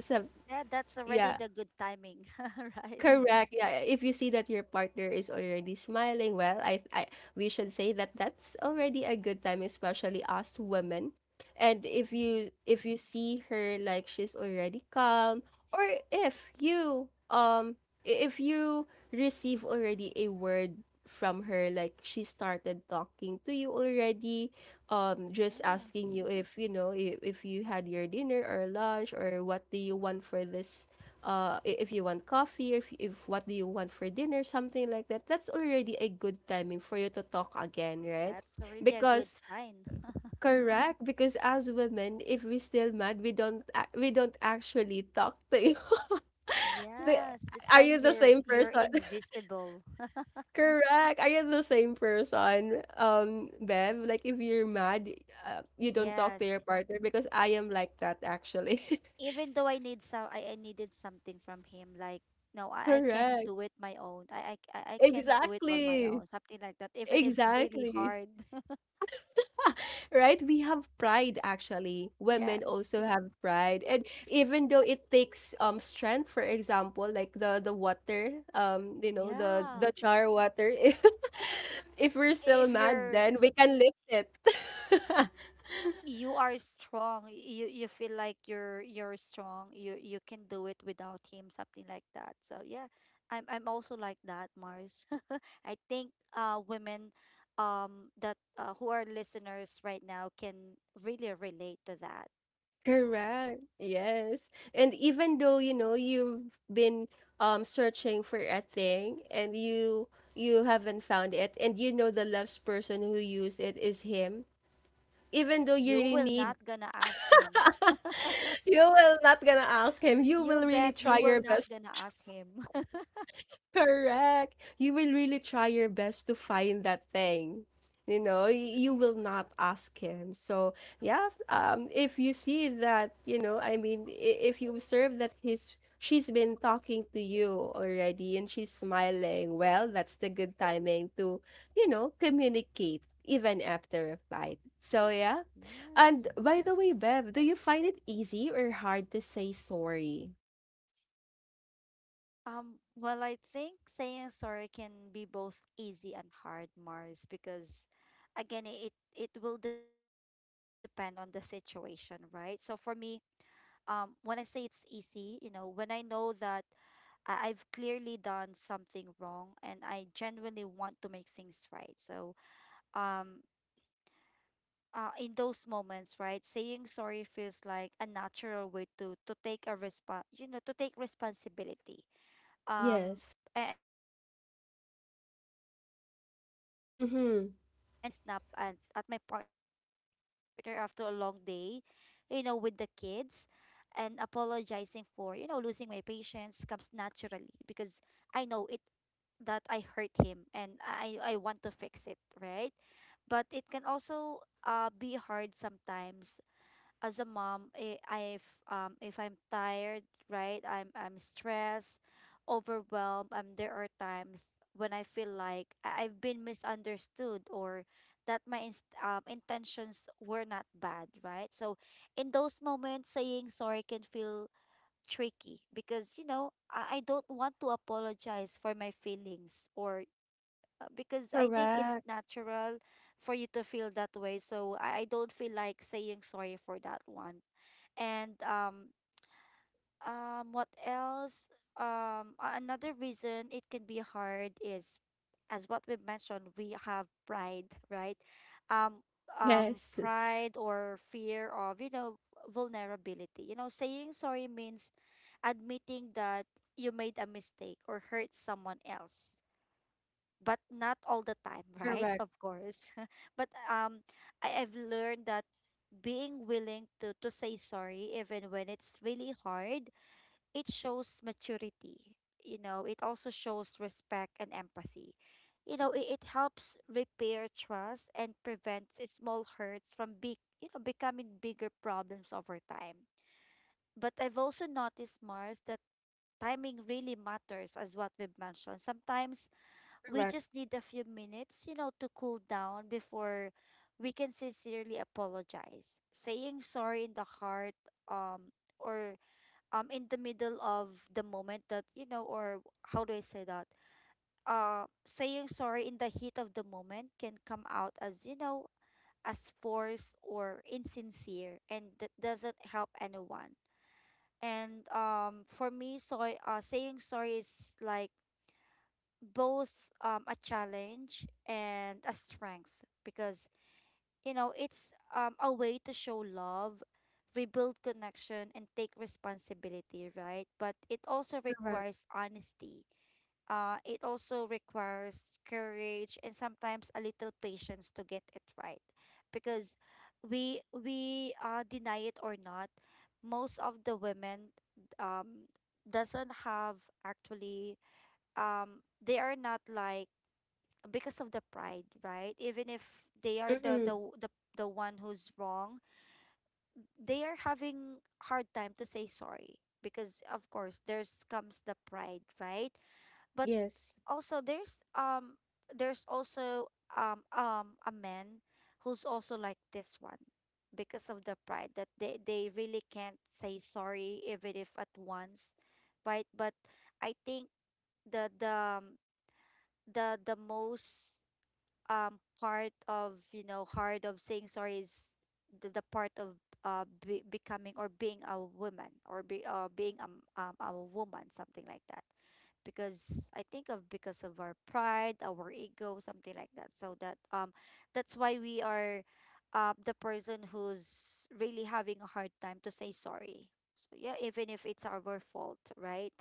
Speaker 1: so
Speaker 2: that that's already
Speaker 1: yeah,
Speaker 2: the good timing, right?
Speaker 1: correct. Yeah, if you see that your partner is already smiling, well, I we should say that that's already a good time, especially us women. And if
Speaker 2: Mm-hmm.
Speaker 1: you see her like she's already calm, or if you if you receive already a word from her, like she started talking to you already, just
Speaker 2: Yeah.
Speaker 1: asking you if you know if you had your dinner or lunch or what do you want for this if you want coffee, if what do you want for dinner, something like that, that's already a good timing for you to talk again, right?
Speaker 2: That's really a good
Speaker 1: Because
Speaker 2: sign.
Speaker 1: correct, because as women, if we still mad, we don't actually talk to you. The,
Speaker 2: Yes, it's
Speaker 1: are
Speaker 2: like
Speaker 1: you the
Speaker 2: you're
Speaker 1: same
Speaker 2: you're
Speaker 1: person?
Speaker 2: invisible.
Speaker 1: Correct. Are you the same person, Bev? Like if you're mad, you don't talk to
Speaker 2: Yes.
Speaker 1: your partner because I am like that actually.
Speaker 2: Even though I needed something from him, like, no, I can
Speaker 1: Correct.
Speaker 2: do it my own. I can do it on my
Speaker 1: Exactly.
Speaker 2: own. Something like that. Even if it's really
Speaker 1: Exactly.
Speaker 2: hard.
Speaker 1: Right? We have pride actually. Women
Speaker 2: Yes.
Speaker 1: also have pride. And even though it takes strength, for example, like the water, the
Speaker 2: Yeah.
Speaker 1: the char water. If we're still
Speaker 2: If
Speaker 1: mad,
Speaker 2: you're
Speaker 1: then we can lift it.
Speaker 2: you are strong, you feel like you're strong, you can do it without him, something like that, so yeah. I'm also like that, Mars. I think, women, that who are listeners right now, can really relate to that.
Speaker 1: Correct. Yes. And even though, you know, you've been searching for a thing and you haven't found it, and you know the last person who used it is him, even though you
Speaker 2: You
Speaker 1: really
Speaker 2: will
Speaker 1: need—
Speaker 2: not gonna ask him.
Speaker 1: You will not gonna ask him. You
Speaker 2: You
Speaker 1: will really
Speaker 2: bet, you
Speaker 1: try
Speaker 2: will
Speaker 1: your
Speaker 2: not
Speaker 1: best—
Speaker 2: gonna ask him.
Speaker 1: Correct. You will really try your best to find that thing. You know, you will not ask him. So, yeah, if you see that, you know, if you observe that he's— she's been talking to you already and she's smiling, well, that's the good timing to, you know, communicate even after a fight. So, yeah. And
Speaker 2: Yes.
Speaker 1: by the way, Bev, do you find it easy or hard to say sorry?
Speaker 2: Well, I think saying sorry can be both easy and hard, Mars, because, again, it will depend on the situation, right? So, for me, when I say it's easy, you know, when I know that I've clearly done something wrong and I genuinely want to make things right. So, um, in those moments, right, saying sorry feels like a natural way to take a response, you know, to take responsibility,
Speaker 1: Yes.
Speaker 2: um and show my partner that I care, right? For again,
Speaker 1: Mm-hmm.
Speaker 2: for example, if I snap and at my partner after a long day, you know, with the kids, and apologizing for, you know, losing my patience comes naturally, because I know it, that I hurt him and I want to fix it, right? But it can also, be hard sometimes, as a mom, if I'm tired, right? I'm stressed, overwhelmed. There are times when I feel like I've been misunderstood, or that my, intentions were not bad, right? So, in those moments, saying sorry can feel tricky, because, you know, I don't want to apologize for my feelings, or, because I think it's
Speaker 1: Correct.
Speaker 2: natural for you to feel that way. So I don't feel like saying sorry for that one. And what else? Another reason it can be hard is, as what we mentioned, we have pride, right? um
Speaker 1: Yes.
Speaker 2: Pride or fear of, you know, vulnerability. You know, saying sorry means admitting that you made a mistake or hurt someone else, but not all the time. Right,
Speaker 1: Correct,
Speaker 2: of course. But, I've learned that being willing to say sorry, even when it's really hard, it shows maturity. You know, it also shows respect and empathy. You know, it helps repair trust and prevents small hurts from, becoming bigger problems over time. But I've also noticed, Mars, that timing really matters, as what we've mentioned. Sometimes we
Speaker 1: correct,
Speaker 2: just need a few minutes, you know, to cool down before we can sincerely apologize. Saying sorry in the heart, um, or, in the middle of the moment, that, you know, or how do I say that? Saying sorry in the heat of the moment can come out as, you know, as forced or insincere, and that doesn't help anyone. And, for me, so, saying sorry is, like, both, a challenge and a strength, because, you know, it's, a way to show love, rebuild connection, and take responsibility, right? But it also
Speaker 1: correct.
Speaker 2: requires honesty, it also requires courage and sometimes a little patience to get it right, because we, deny it or not, most of the women, um, doesn't have, actually, they are not like, because of the pride, right? Even if they are
Speaker 1: Mm-hmm.
Speaker 2: the the one who's wrong, they are having hard time to say sorry, because of course there's comes the pride, right? But
Speaker 1: Yes.
Speaker 2: also there's also a man who's also like this one because of the pride that they really can't say sorry even if at once, right? But I think the the um, the most part of hard of saying sorry is the part of becoming or being a woman or be being a woman, something like that. Because I think of because of our pride, our ego, something like that. So that that's why we are the person who's really having a hard time to say sorry. So yeah, even if it's our fault, right?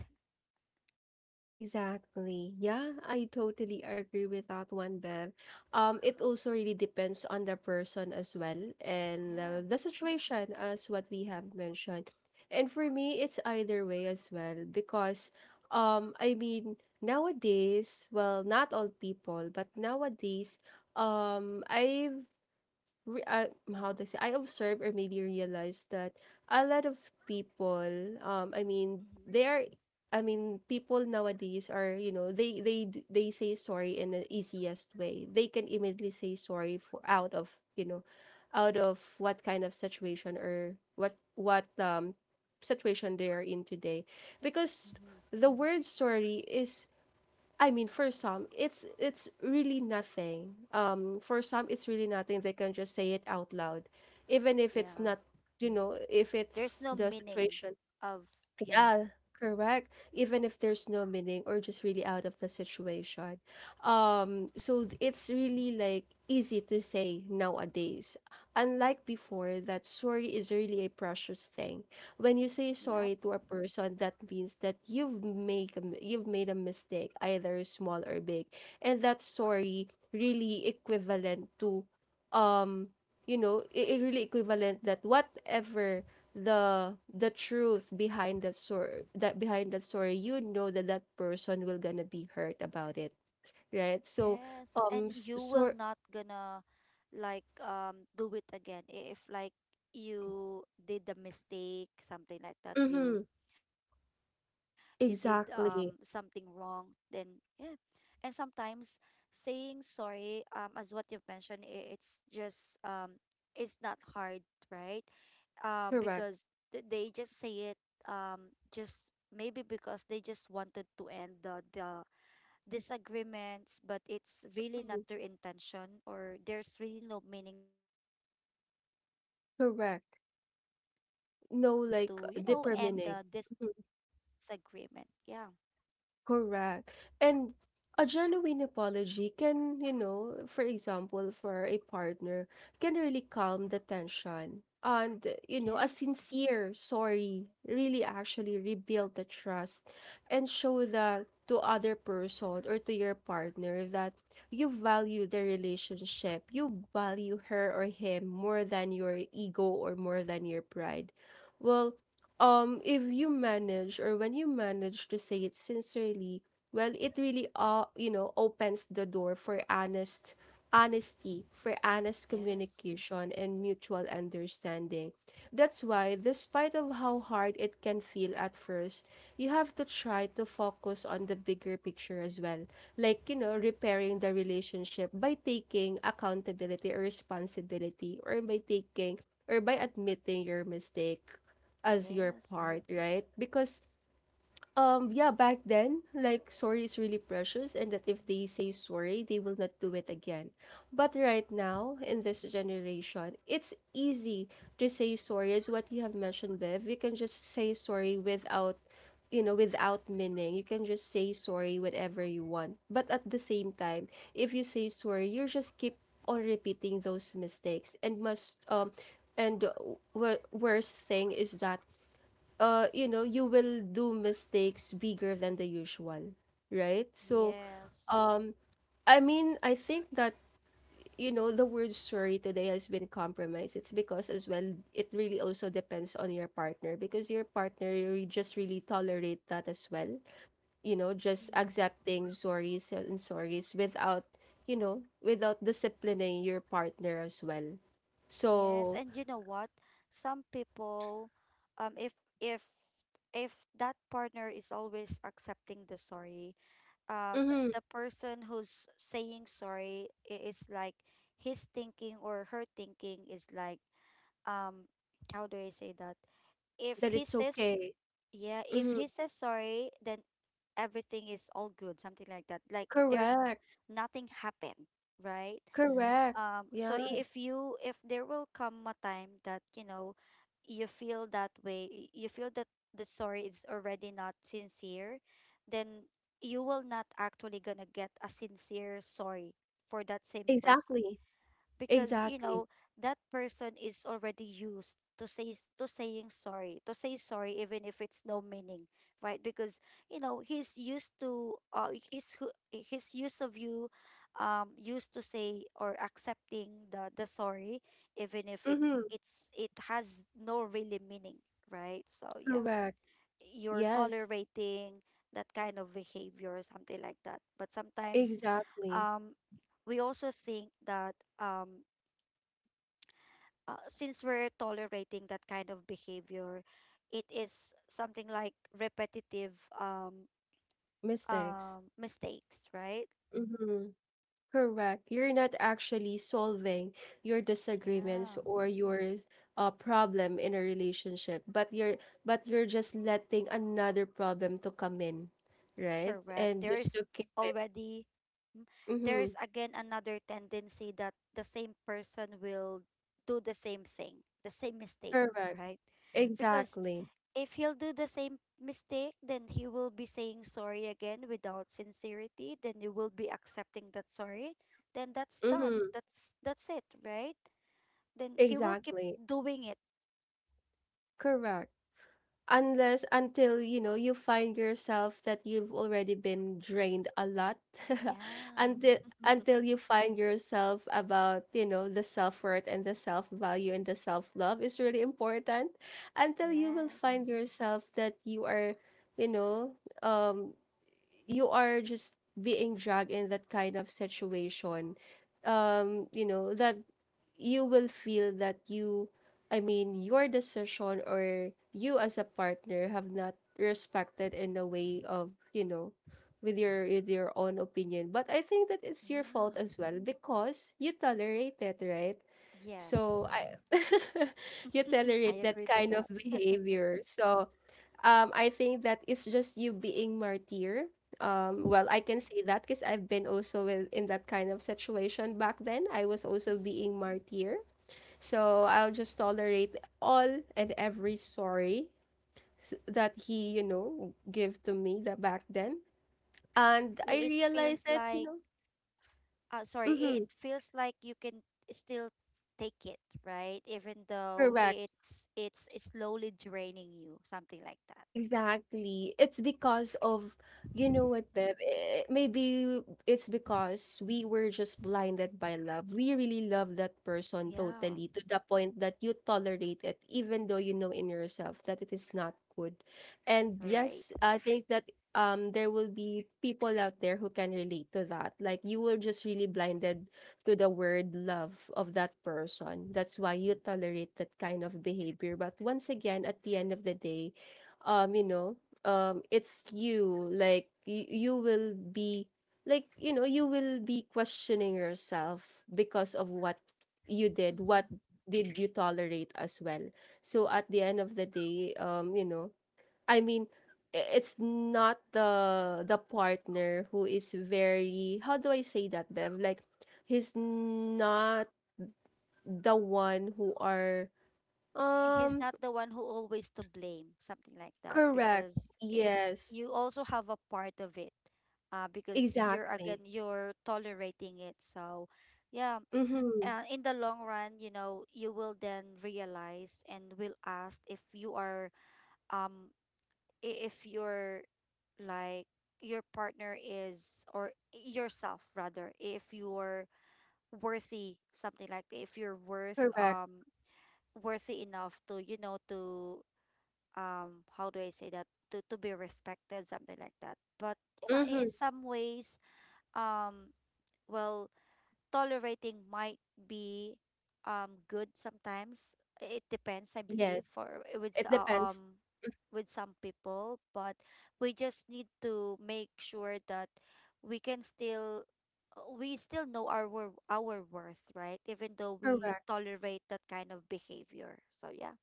Speaker 1: Exactly. Yeah, I totally agree with that one, Bev. It also really depends on the person as well and
Speaker 2: Yeah.
Speaker 1: the situation as what we have mentioned. And for me, it's either way as well because um I mean nowadays, well, not all people, but nowadays, I've re- uh, how to say, I observe or maybe realize that a lot of people— I mean
Speaker 2: Mm-hmm.
Speaker 1: they are I mean people nowadays are, you know, they say sorry in the easiest way they can. Immediately say sorry for, out of, you know, out of what kind of situation or what situation they are in today, because
Speaker 2: Mm-hmm.
Speaker 1: the word sorry is— I mean, for some, it's really nothing. For some, it's really nothing. They can just say it out loud, even if
Speaker 2: Yeah,
Speaker 1: it's
Speaker 2: yeah,
Speaker 1: not, you know, if
Speaker 2: there's
Speaker 1: it's
Speaker 2: no
Speaker 1: the
Speaker 2: meaning
Speaker 1: situation.
Speaker 2: of. Yeah.
Speaker 1: Yeah, correct. Even if there's no meaning or just really out of the situation. So it's really like easy to say nowadays. Unlike before, that sorry is really a precious thing. When you say
Speaker 2: Yep.
Speaker 1: sorry to a person, that means that you've made a, you've made a mistake, either small or big. And that sorry really equivalent to, um you know, it really equivalent that whatever the truth behind that story, you know that that person will gonna be hurt about it, right? So
Speaker 2: Yes. And
Speaker 1: um s-
Speaker 2: you will
Speaker 1: so
Speaker 2: not gonna like do it again. If like you did the mistake, something like that. You
Speaker 1: mm-hmm,
Speaker 2: you did something
Speaker 1: exactly,
Speaker 2: wrong, then yeah. And sometimes saying sorry, as what you've mentioned, I it's just it's not hard, right?
Speaker 1: correct,
Speaker 2: Because they just say it just maybe because they just wanted to end the disagreements, but it's really not
Speaker 1: mhm,
Speaker 2: their intention or there's really no meaning of the sorry. It, they
Speaker 1: correct,
Speaker 2: they just would wanted
Speaker 1: no
Speaker 2: to, you
Speaker 1: like
Speaker 2: know, end the
Speaker 1: determining, mm-hmm.
Speaker 2: disagreement. Yeah.
Speaker 1: Correct. And a genuine apology can, you know, for example, for a partner, can really calm the tension. And, you know, a
Speaker 2: Yes.
Speaker 1: sincere sorry really actually rebuild the trust and show that to other person or to your partner that you value the relationship. You value her or him more than your ego or more than your pride. Well, if you manage, or when you manage to say it sincerely, well, it really you know, opens the door for honest— honesty, for honest
Speaker 2: Yes.
Speaker 1: communication and mutual understanding. That's why, despite of how hard it can feel at first, you have to try to focus on the bigger picture as well, like, you know, repairing the relationship by taking accountability or responsibility, or by taking, or by admitting your mistake as your
Speaker 2: Yes.
Speaker 1: part, right? Because yeah, back then, like sorry is really precious, and that if they say sorry, they will not do it again. But right now, in this generation, it's easy to say sorry, as what you have mentioned, Bev. You can just say sorry without, you know, without meaning. You can just say sorry whatever you want. But at the same time, if you say sorry, you just keep on repeating those mistakes, and must and worst thing is that you know, you will do mistakes bigger than the usual, right? So,
Speaker 2: Yes.
Speaker 1: um, I mean, I think that, you know, the word sorry today has been compromised. It's because, as well, it really also depends on your partner, because your partner just really tolerate that as well, you know, just
Speaker 2: Mhm.
Speaker 1: accepting sorries and sorries without, you know, without disciplining your partner as well.
Speaker 2: Yes.
Speaker 1: So,
Speaker 2: And you know what? Some people um if if if that partner is always accepting the sorry,
Speaker 1: mhm,
Speaker 2: the person who's saying sorry is like his thinking or her thinking is like um how do I say that? If
Speaker 1: that
Speaker 2: he
Speaker 1: it's
Speaker 2: says
Speaker 1: okay.
Speaker 2: yeah, if
Speaker 1: Hmm.
Speaker 2: he says sorry, then everything is all good, something like that. Like there's
Speaker 1: Correct.
Speaker 2: nothing happened, right?
Speaker 1: Correct.
Speaker 2: So
Speaker 1: Yeah.
Speaker 2: if you if there will come a time that you know you feel that way, you feel that the story is already not sincere, then you will not actually gonna get a sincere sorry for that same person
Speaker 1: Exactly,
Speaker 2: because you
Speaker 1: exactly.
Speaker 2: know that person is already used to saying sorry to say sorry even if it's no meaning, right? Because you know he's used to his hu- his use of you used to say or accepting the sorry even if
Speaker 1: Mhm,
Speaker 2: it has no really meaning, right? So yeah,
Speaker 1: correct.
Speaker 2: you're
Speaker 1: Yes,
Speaker 2: tolerating that kind of behavior or something like that. But sometimes
Speaker 1: exactly.
Speaker 2: um we also think that since we're tolerating that kind of behavior, it is something like repetitive um
Speaker 1: Mistakes.
Speaker 2: mistakes, right?
Speaker 1: Mhm, correct. You're not actually solving your disagreements
Speaker 2: Yeah,
Speaker 1: or your problem in a relationship, but you're just letting another problem to come in, right?
Speaker 2: correct.
Speaker 1: And
Speaker 2: There
Speaker 1: just
Speaker 2: is
Speaker 1: to keep it.
Speaker 2: already. Mm. There is
Speaker 1: Mhm,
Speaker 2: again another tendency that the same person will do the same thing, the same mistake,
Speaker 1: correct.
Speaker 2: right? Because
Speaker 1: Exactly.
Speaker 2: if he'll do the same mistake, then he will be saying sorry again without sincerity, then you will be accepting that sorry, then that's done.
Speaker 1: Mhm,
Speaker 2: That's it, right? Then he will keep
Speaker 1: exactly.
Speaker 2: doing it.
Speaker 1: Correct. Unless— until you know, you find yourself that you've already been drained a lot.
Speaker 2: Yeah.
Speaker 1: until until you find yourself about, you know, the self-worth and the self-value and the self-love is really important. Until you will find
Speaker 2: Yes.
Speaker 1: yourself that you are, you know, um you are just being dragged in that kind of situation, you know that you will feel that you— I mean, your decision, or you as a partner have not respected in a way of, you know, with your own opinion. But I think that it's your fault as
Speaker 2: Yeah.
Speaker 1: well, because you tolerate it, right? So
Speaker 2: Yes.
Speaker 1: I— you
Speaker 2: I
Speaker 1: tolerate that
Speaker 2: agree to
Speaker 1: kind of
Speaker 2: that.
Speaker 1: behavior. So I think that it's just you being martyr. Um, well, I
Speaker 2: Mhm.
Speaker 1: can say that because I've been also in that kind of situation back then. I was also being martyr. So I'll just tolerate all and every sorry that he, you know, give to me that back then. And I
Speaker 2: It feels
Speaker 1: realized that, you
Speaker 2: like
Speaker 1: know,
Speaker 2: sorry,
Speaker 1: mm-hmm,
Speaker 2: it feels like you can still take it, right? Even though
Speaker 1: correct.
Speaker 2: it's slowly draining you, something like that.
Speaker 1: Exactly. It's because of, you know what, Bev? Maybe it's because we were just blinded by love. We really love that
Speaker 2: Yeah,
Speaker 1: person totally to the point that you tolerate it, even though you know in yourself that it is not good. And
Speaker 2: right.
Speaker 1: yes, I think that there will be people out there who can relate to that. Like you were just really blinded to the word love of that person. That's why you tolerate that kind of behavior. But once again, at the end of the day, um you know it's you. Like you will be, like, you know, you will be questioning yourself because of what
Speaker 2: Mm-hmm.
Speaker 1: you did, what did you tolerate as well. So at the end of the day, you know, i mean it's not the partner who is very, how do I say that, Bev, like, he's not the one who are
Speaker 2: He's
Speaker 1: um
Speaker 2: not the one who always to blame, something like that,
Speaker 1: correct,
Speaker 2: because it's
Speaker 1: yes,
Speaker 2: you also have a part of it, because you're
Speaker 1: exactly.
Speaker 2: again you're tolerating it. So, yeah,
Speaker 1: Mhm.
Speaker 2: in the long run, you know, you will then realize and will ask if you are um if you're like your partner is or yourself rather if you're worthy something like that, if you're worth
Speaker 1: Correct.
Speaker 2: worthy enough to you know to how do I say that, to be respected something like that. But yeah,
Speaker 1: Mhm.
Speaker 2: in some ways um well tolerating might be good sometimes. It depends, I
Speaker 1: Yes.
Speaker 2: believe, for
Speaker 1: It depends. Mm,
Speaker 2: with some people, but we just need to make sure that we can still we still know our our worth, right? Even though we
Speaker 1: correct.
Speaker 2: tolerate that kind of behavior. So yeah.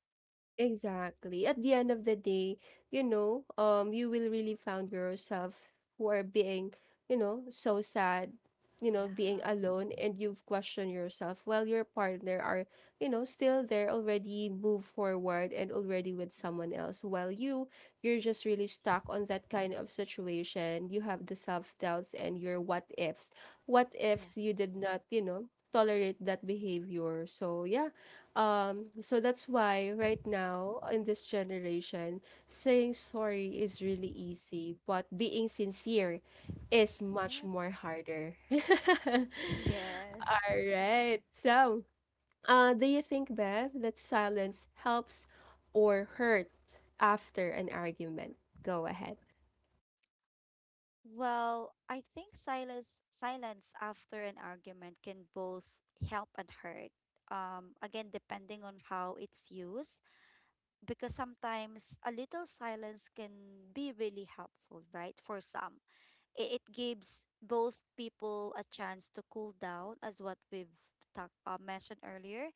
Speaker 1: Exactly. At the end of the day, you know, you will really find yourself who are being, you know, so sad, you know, being
Speaker 2: Yeah.
Speaker 1: alone, and you've questioned yourself while your partner are, you know, still there, already move forward and already with someone else. While you, you're just really stuck on that kind of situation. You have the self doubts and your what ifs. What ifs you
Speaker 2: Yes.
Speaker 1: did not, you know, tolerate that behavior. So yeah, so that's why right now in this generation, saying sorry is really easy, but being sincere is much
Speaker 2: Yep.
Speaker 1: more harder. All
Speaker 2: Yes.
Speaker 1: right. So, do you think, Bev, that silence helps or hurt after an argument? Go ahead.
Speaker 2: Well, I think silence after an argument can both help and hurt. Again, depending on how it's used, because sometimes a little silence can be really helpful, right? For some, it gives both people a chance to cool down, as what we've talked mentioned earlier.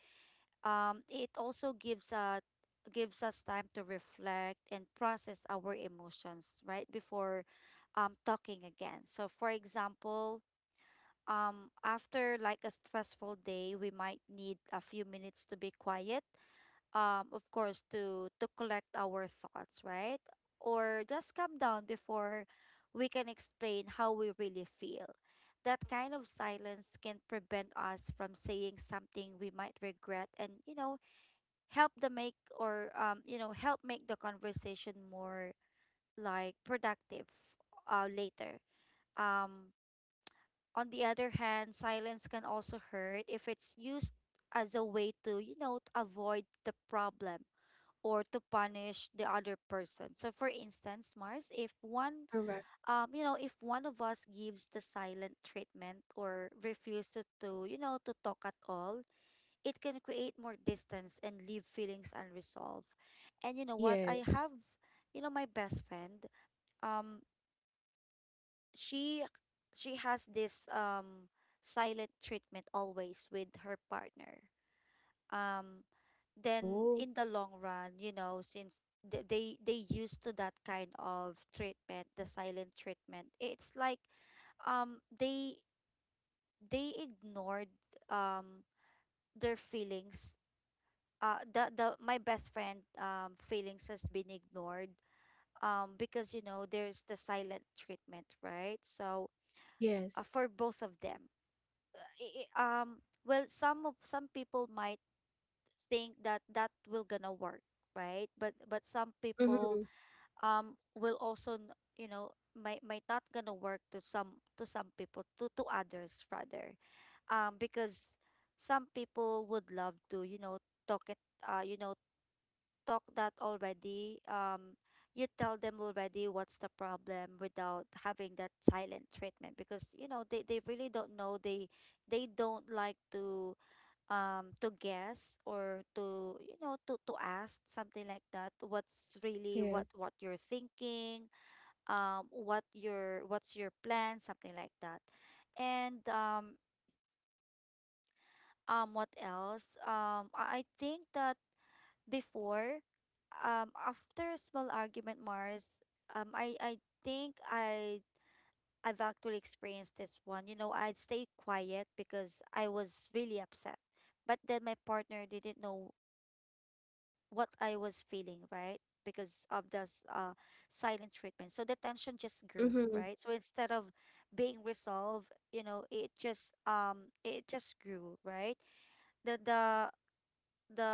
Speaker 2: Um, it also gives us time to reflect and process our emotions right before talking again. So, for example, after like a stressful day, we might need a few minutes to be quiet. Of course, to collect our thoughts, right, or just calm down before we can explain how we really feel. That kind of silence can prevent us from saying something we might regret, and you know help the make, or you know, help make the conversation more like productive later. um, on the other hand, silence can also hurt if it's used as a way to you know to avoid the problem or to punish the other person. So for instance, Mars, if one
Speaker 1: Correct.
Speaker 2: you know, if one of us gives the silent treatment or refuses to you know to talk at all, it can create more distance and leave feelings unresolved. And you know what? I
Speaker 1: Yes.
Speaker 2: have, you know, my best friend. Um, she she has this silent treatment always with her partner. Um, then
Speaker 1: Oh,
Speaker 2: in the long run, you know, since they used to that kind of treatment, the silent treatment, it's like um they they ignored um their feelings, the my best friend feelings has been ignored because you know there's the silent treatment, right? So
Speaker 1: yes.
Speaker 2: for both of them I- I- um well, some of some people might think that that will gonna work, right? But some people
Speaker 1: Mm-hmm.
Speaker 2: will also you know might not gonna work to some people to others rather because some people would love to you know talk it you know talk that already, you tell them already what's the problem without having that silent treatment because you know they really don't know, they don't like to guess or to you know to ask something like that what's really
Speaker 1: Yes.
Speaker 2: what you're thinking, what your what's your plan something like that. And what else, I think that before, after a small argument, Mars, I think I've actually experienced this one. You know, I'd stay quiet because I was really upset, but then my partner didn't know what I was feeling, right? Because of the silent treatment, so the tension just grew, right?
Speaker 1: Mm-hmm.
Speaker 2: So instead of being resolved, you know, it just grew, right? The the the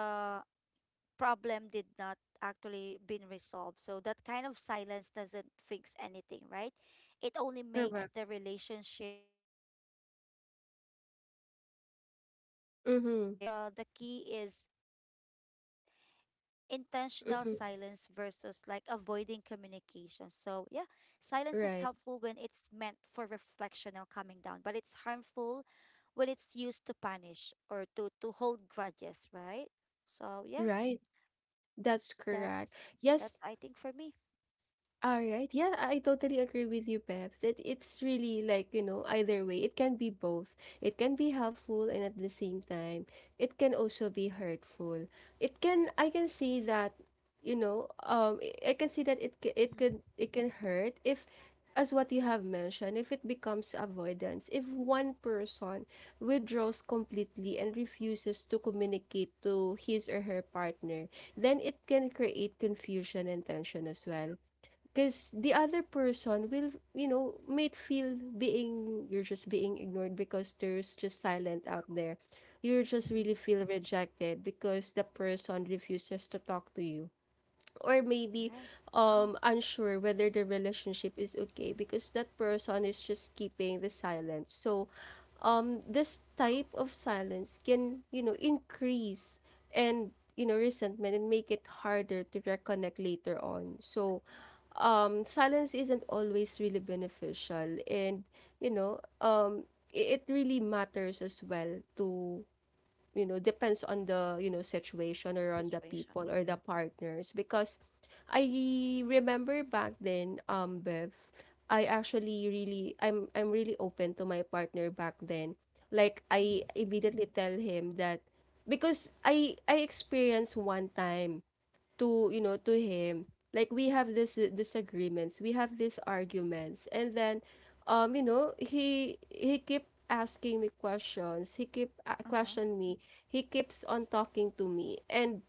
Speaker 2: problem did not actually been resolved, so that kind of silence doesn't fix anything, right? It only makes
Speaker 1: Correct.
Speaker 2: the relationship feel colder and creates misunderstanding. I think
Speaker 1: Mm-hmm.
Speaker 2: the key is intentional silence versus like
Speaker 1: Mm-hmm.
Speaker 2: avoiding communication. So yeah, silence is helpful when
Speaker 1: Right.
Speaker 2: it's meant for reflection or calming down, but it's harmful when it's used to punish or to hold grudges, right? So yeah,
Speaker 1: Right. That's correct.
Speaker 2: that's
Speaker 1: Yes,
Speaker 2: I think for me.
Speaker 1: all right. Yeah, I totally agree with you, Pep. That it's really like, you know, either way, it can be both. It can be helpful, and at the same time, it can also be hurtful. It can— I can see that, you know, I can see that it c- it
Speaker 2: Mm-hmm.
Speaker 1: could it can hurt if, as what you have mentioned, if it becomes avoidance, if one person withdraws completely and refuses to communicate to his or her partner, then it can create confusion and tension as well. Because the other person will, you know, might feel being, you're just being ignored because there's just silent out there. You just
Speaker 2: Mm-hmm.
Speaker 1: really feel rejected because the person refuses to talk to you, or maybe
Speaker 2: Yeah.
Speaker 1: unsure whether the relationship is okay because that person is just keeping the silence. So this type of silence can, you know, increase and, you know, resentment and make it harder to reconnect later on. So silence isn't always really beneficial, and you know, it really matters as well to, you know, depends on the, you know, situation, or on the
Speaker 2: Situation.
Speaker 1: people or the partners. Because I remember back then, Bev, I actually really, I'm really open to my partner back then, like I
Speaker 2: Mm-hmm.
Speaker 1: immediately tell him that, because I— I experienced one time to, you know, to him, like we have this disagreements, we have these arguments, and then you know, he keep asking me questions, he keep
Speaker 2: Uh-huh.
Speaker 1: question me, he keeps on talking to me, and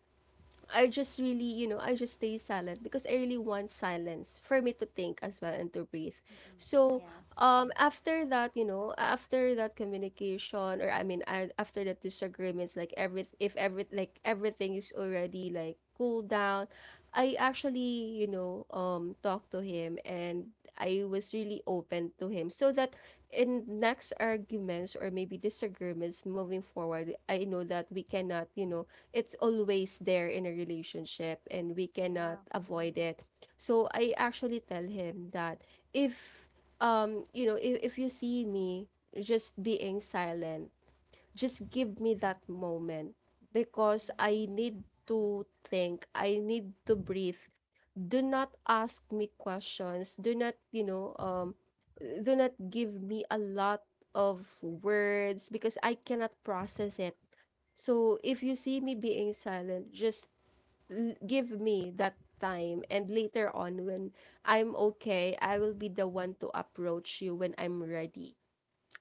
Speaker 1: I just really, you know, I just stay silent because I really want silence for me to think as well and to breathe.
Speaker 2: Mm-mm.
Speaker 1: So,
Speaker 2: Yes.
Speaker 1: after that, you know, after that communication, or I mean, I, after that disagreements, like every— if every— like everything is already like cool down, I actually, you know, talked to him, and I was really open to him so that in next arguments or maybe disagreements moving forward, I know that we cannot, you know, it's always there in a relationship, and we cannot
Speaker 2: Yeah.
Speaker 1: avoid it. So I actually tell him that, if you know, if you see me just being silent, just give me that moment because I
Speaker 2: Mm-hmm.
Speaker 1: need to think, I need to breathe. Do not ask me questions. Do not, you know, do not give me a lot of words because I cannot process it. So if you see me being silent, just give me that time, and later on when I'm okay, I will be the one to approach you when I'm ready.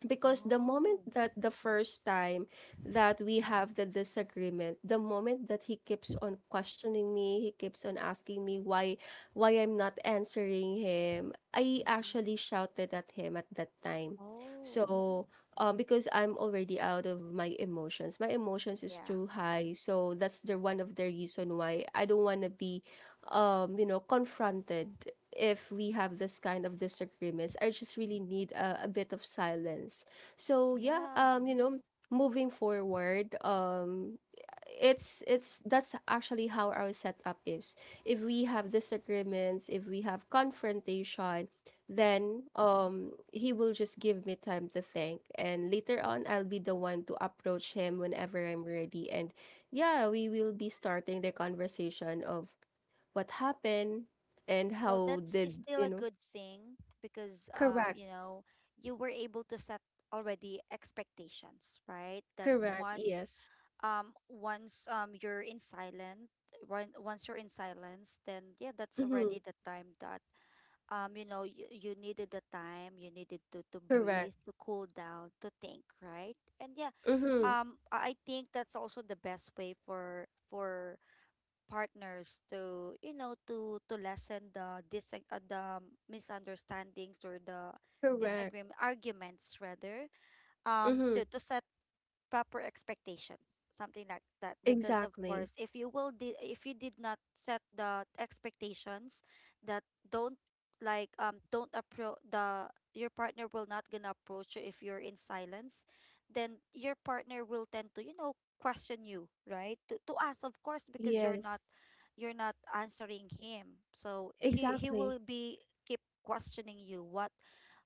Speaker 1: Because the moment
Speaker 2: Oh.
Speaker 1: that the first time that we have the disagreement, the moment that he keeps on questioning me, he keeps on asking me why I'm not answering him, I
Speaker 2: Mm-hmm.
Speaker 1: actually shouted at him at that time.
Speaker 2: Oh.
Speaker 1: So because I'm already out of my emotions, my emotions is
Speaker 2: Yeah.
Speaker 1: too high, so that's the one of the reason why I don't want to be you know, confronted if we have this kind of disagreements. I just really need a bit of silence. So yeah,
Speaker 2: Yeah.
Speaker 1: you know, moving forward, it's that's actually how our setup is. If we have disagreements, if we have confrontation,
Speaker 2: Mm-hmm.
Speaker 1: then he will just give me time to think, and later on I'll be the one to approach him whenever I'm ready, and yeah, we will be starting the conversation of what happened and
Speaker 2: Well,
Speaker 1: how
Speaker 2: that's is
Speaker 1: did
Speaker 2: still
Speaker 1: you
Speaker 2: a
Speaker 1: know—
Speaker 2: good thing because
Speaker 1: correct,
Speaker 2: you know, you were able to set already expectations, right? That
Speaker 1: correct,
Speaker 2: once
Speaker 1: yes,
Speaker 2: once you're in silent, when once you're in silence, then yeah, that's
Speaker 1: mm-hmm,
Speaker 2: already the time that you know, you needed the time, you needed to
Speaker 1: correct,
Speaker 2: breathe, to cool down, to think, right? And yeah,
Speaker 1: mm-hmm,
Speaker 2: I think that's also the best way for partners to, you know, to lessen the dis the misunderstandings or the
Speaker 1: correct,
Speaker 2: disagreement arguments rather
Speaker 1: mm-hmm,
Speaker 2: to set proper expectations something like that. Because of
Speaker 1: exactly,
Speaker 2: course if you will if you did not set the expectations that don't like don't approach the your partner will not gonna approach you if you're in silence, then your partner will tend to you know question you right to us of course because
Speaker 1: yes,
Speaker 2: you're not answering him, so he
Speaker 1: exactly.
Speaker 2: will be keep questioning you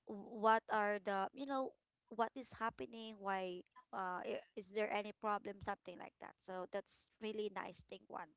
Speaker 2: what are the you know what is happening why is there any problem something like that. So that's really nice thing one.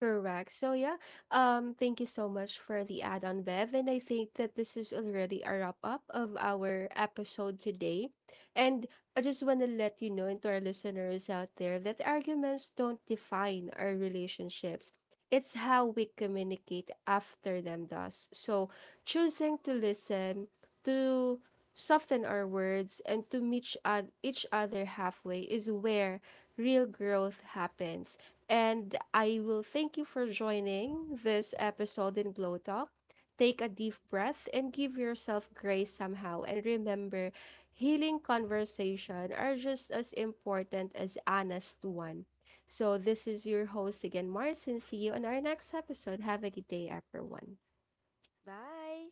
Speaker 1: Correct. So yeah, thank you so much for the add-on, Bev. And I think that this is
Speaker 2: Hmm.
Speaker 1: already a wrap-up of our
Speaker 2: Wow.
Speaker 1: episode today. And I just want to let you know, and to our listeners out there, that arguments don't define our relationships. It's how we communicate after them does. So choosing to listen, to soften our words, and to meet each other halfway is where real growth happens. And I will thank you for joining this episode in Glow Talk. Take a deep breath and give yourself grace somehow. And remember, healing conversation are just as important as honest one. So this is your host again, Marcin. See you on our next episode. Have a good day, everyone.
Speaker 2: Bye.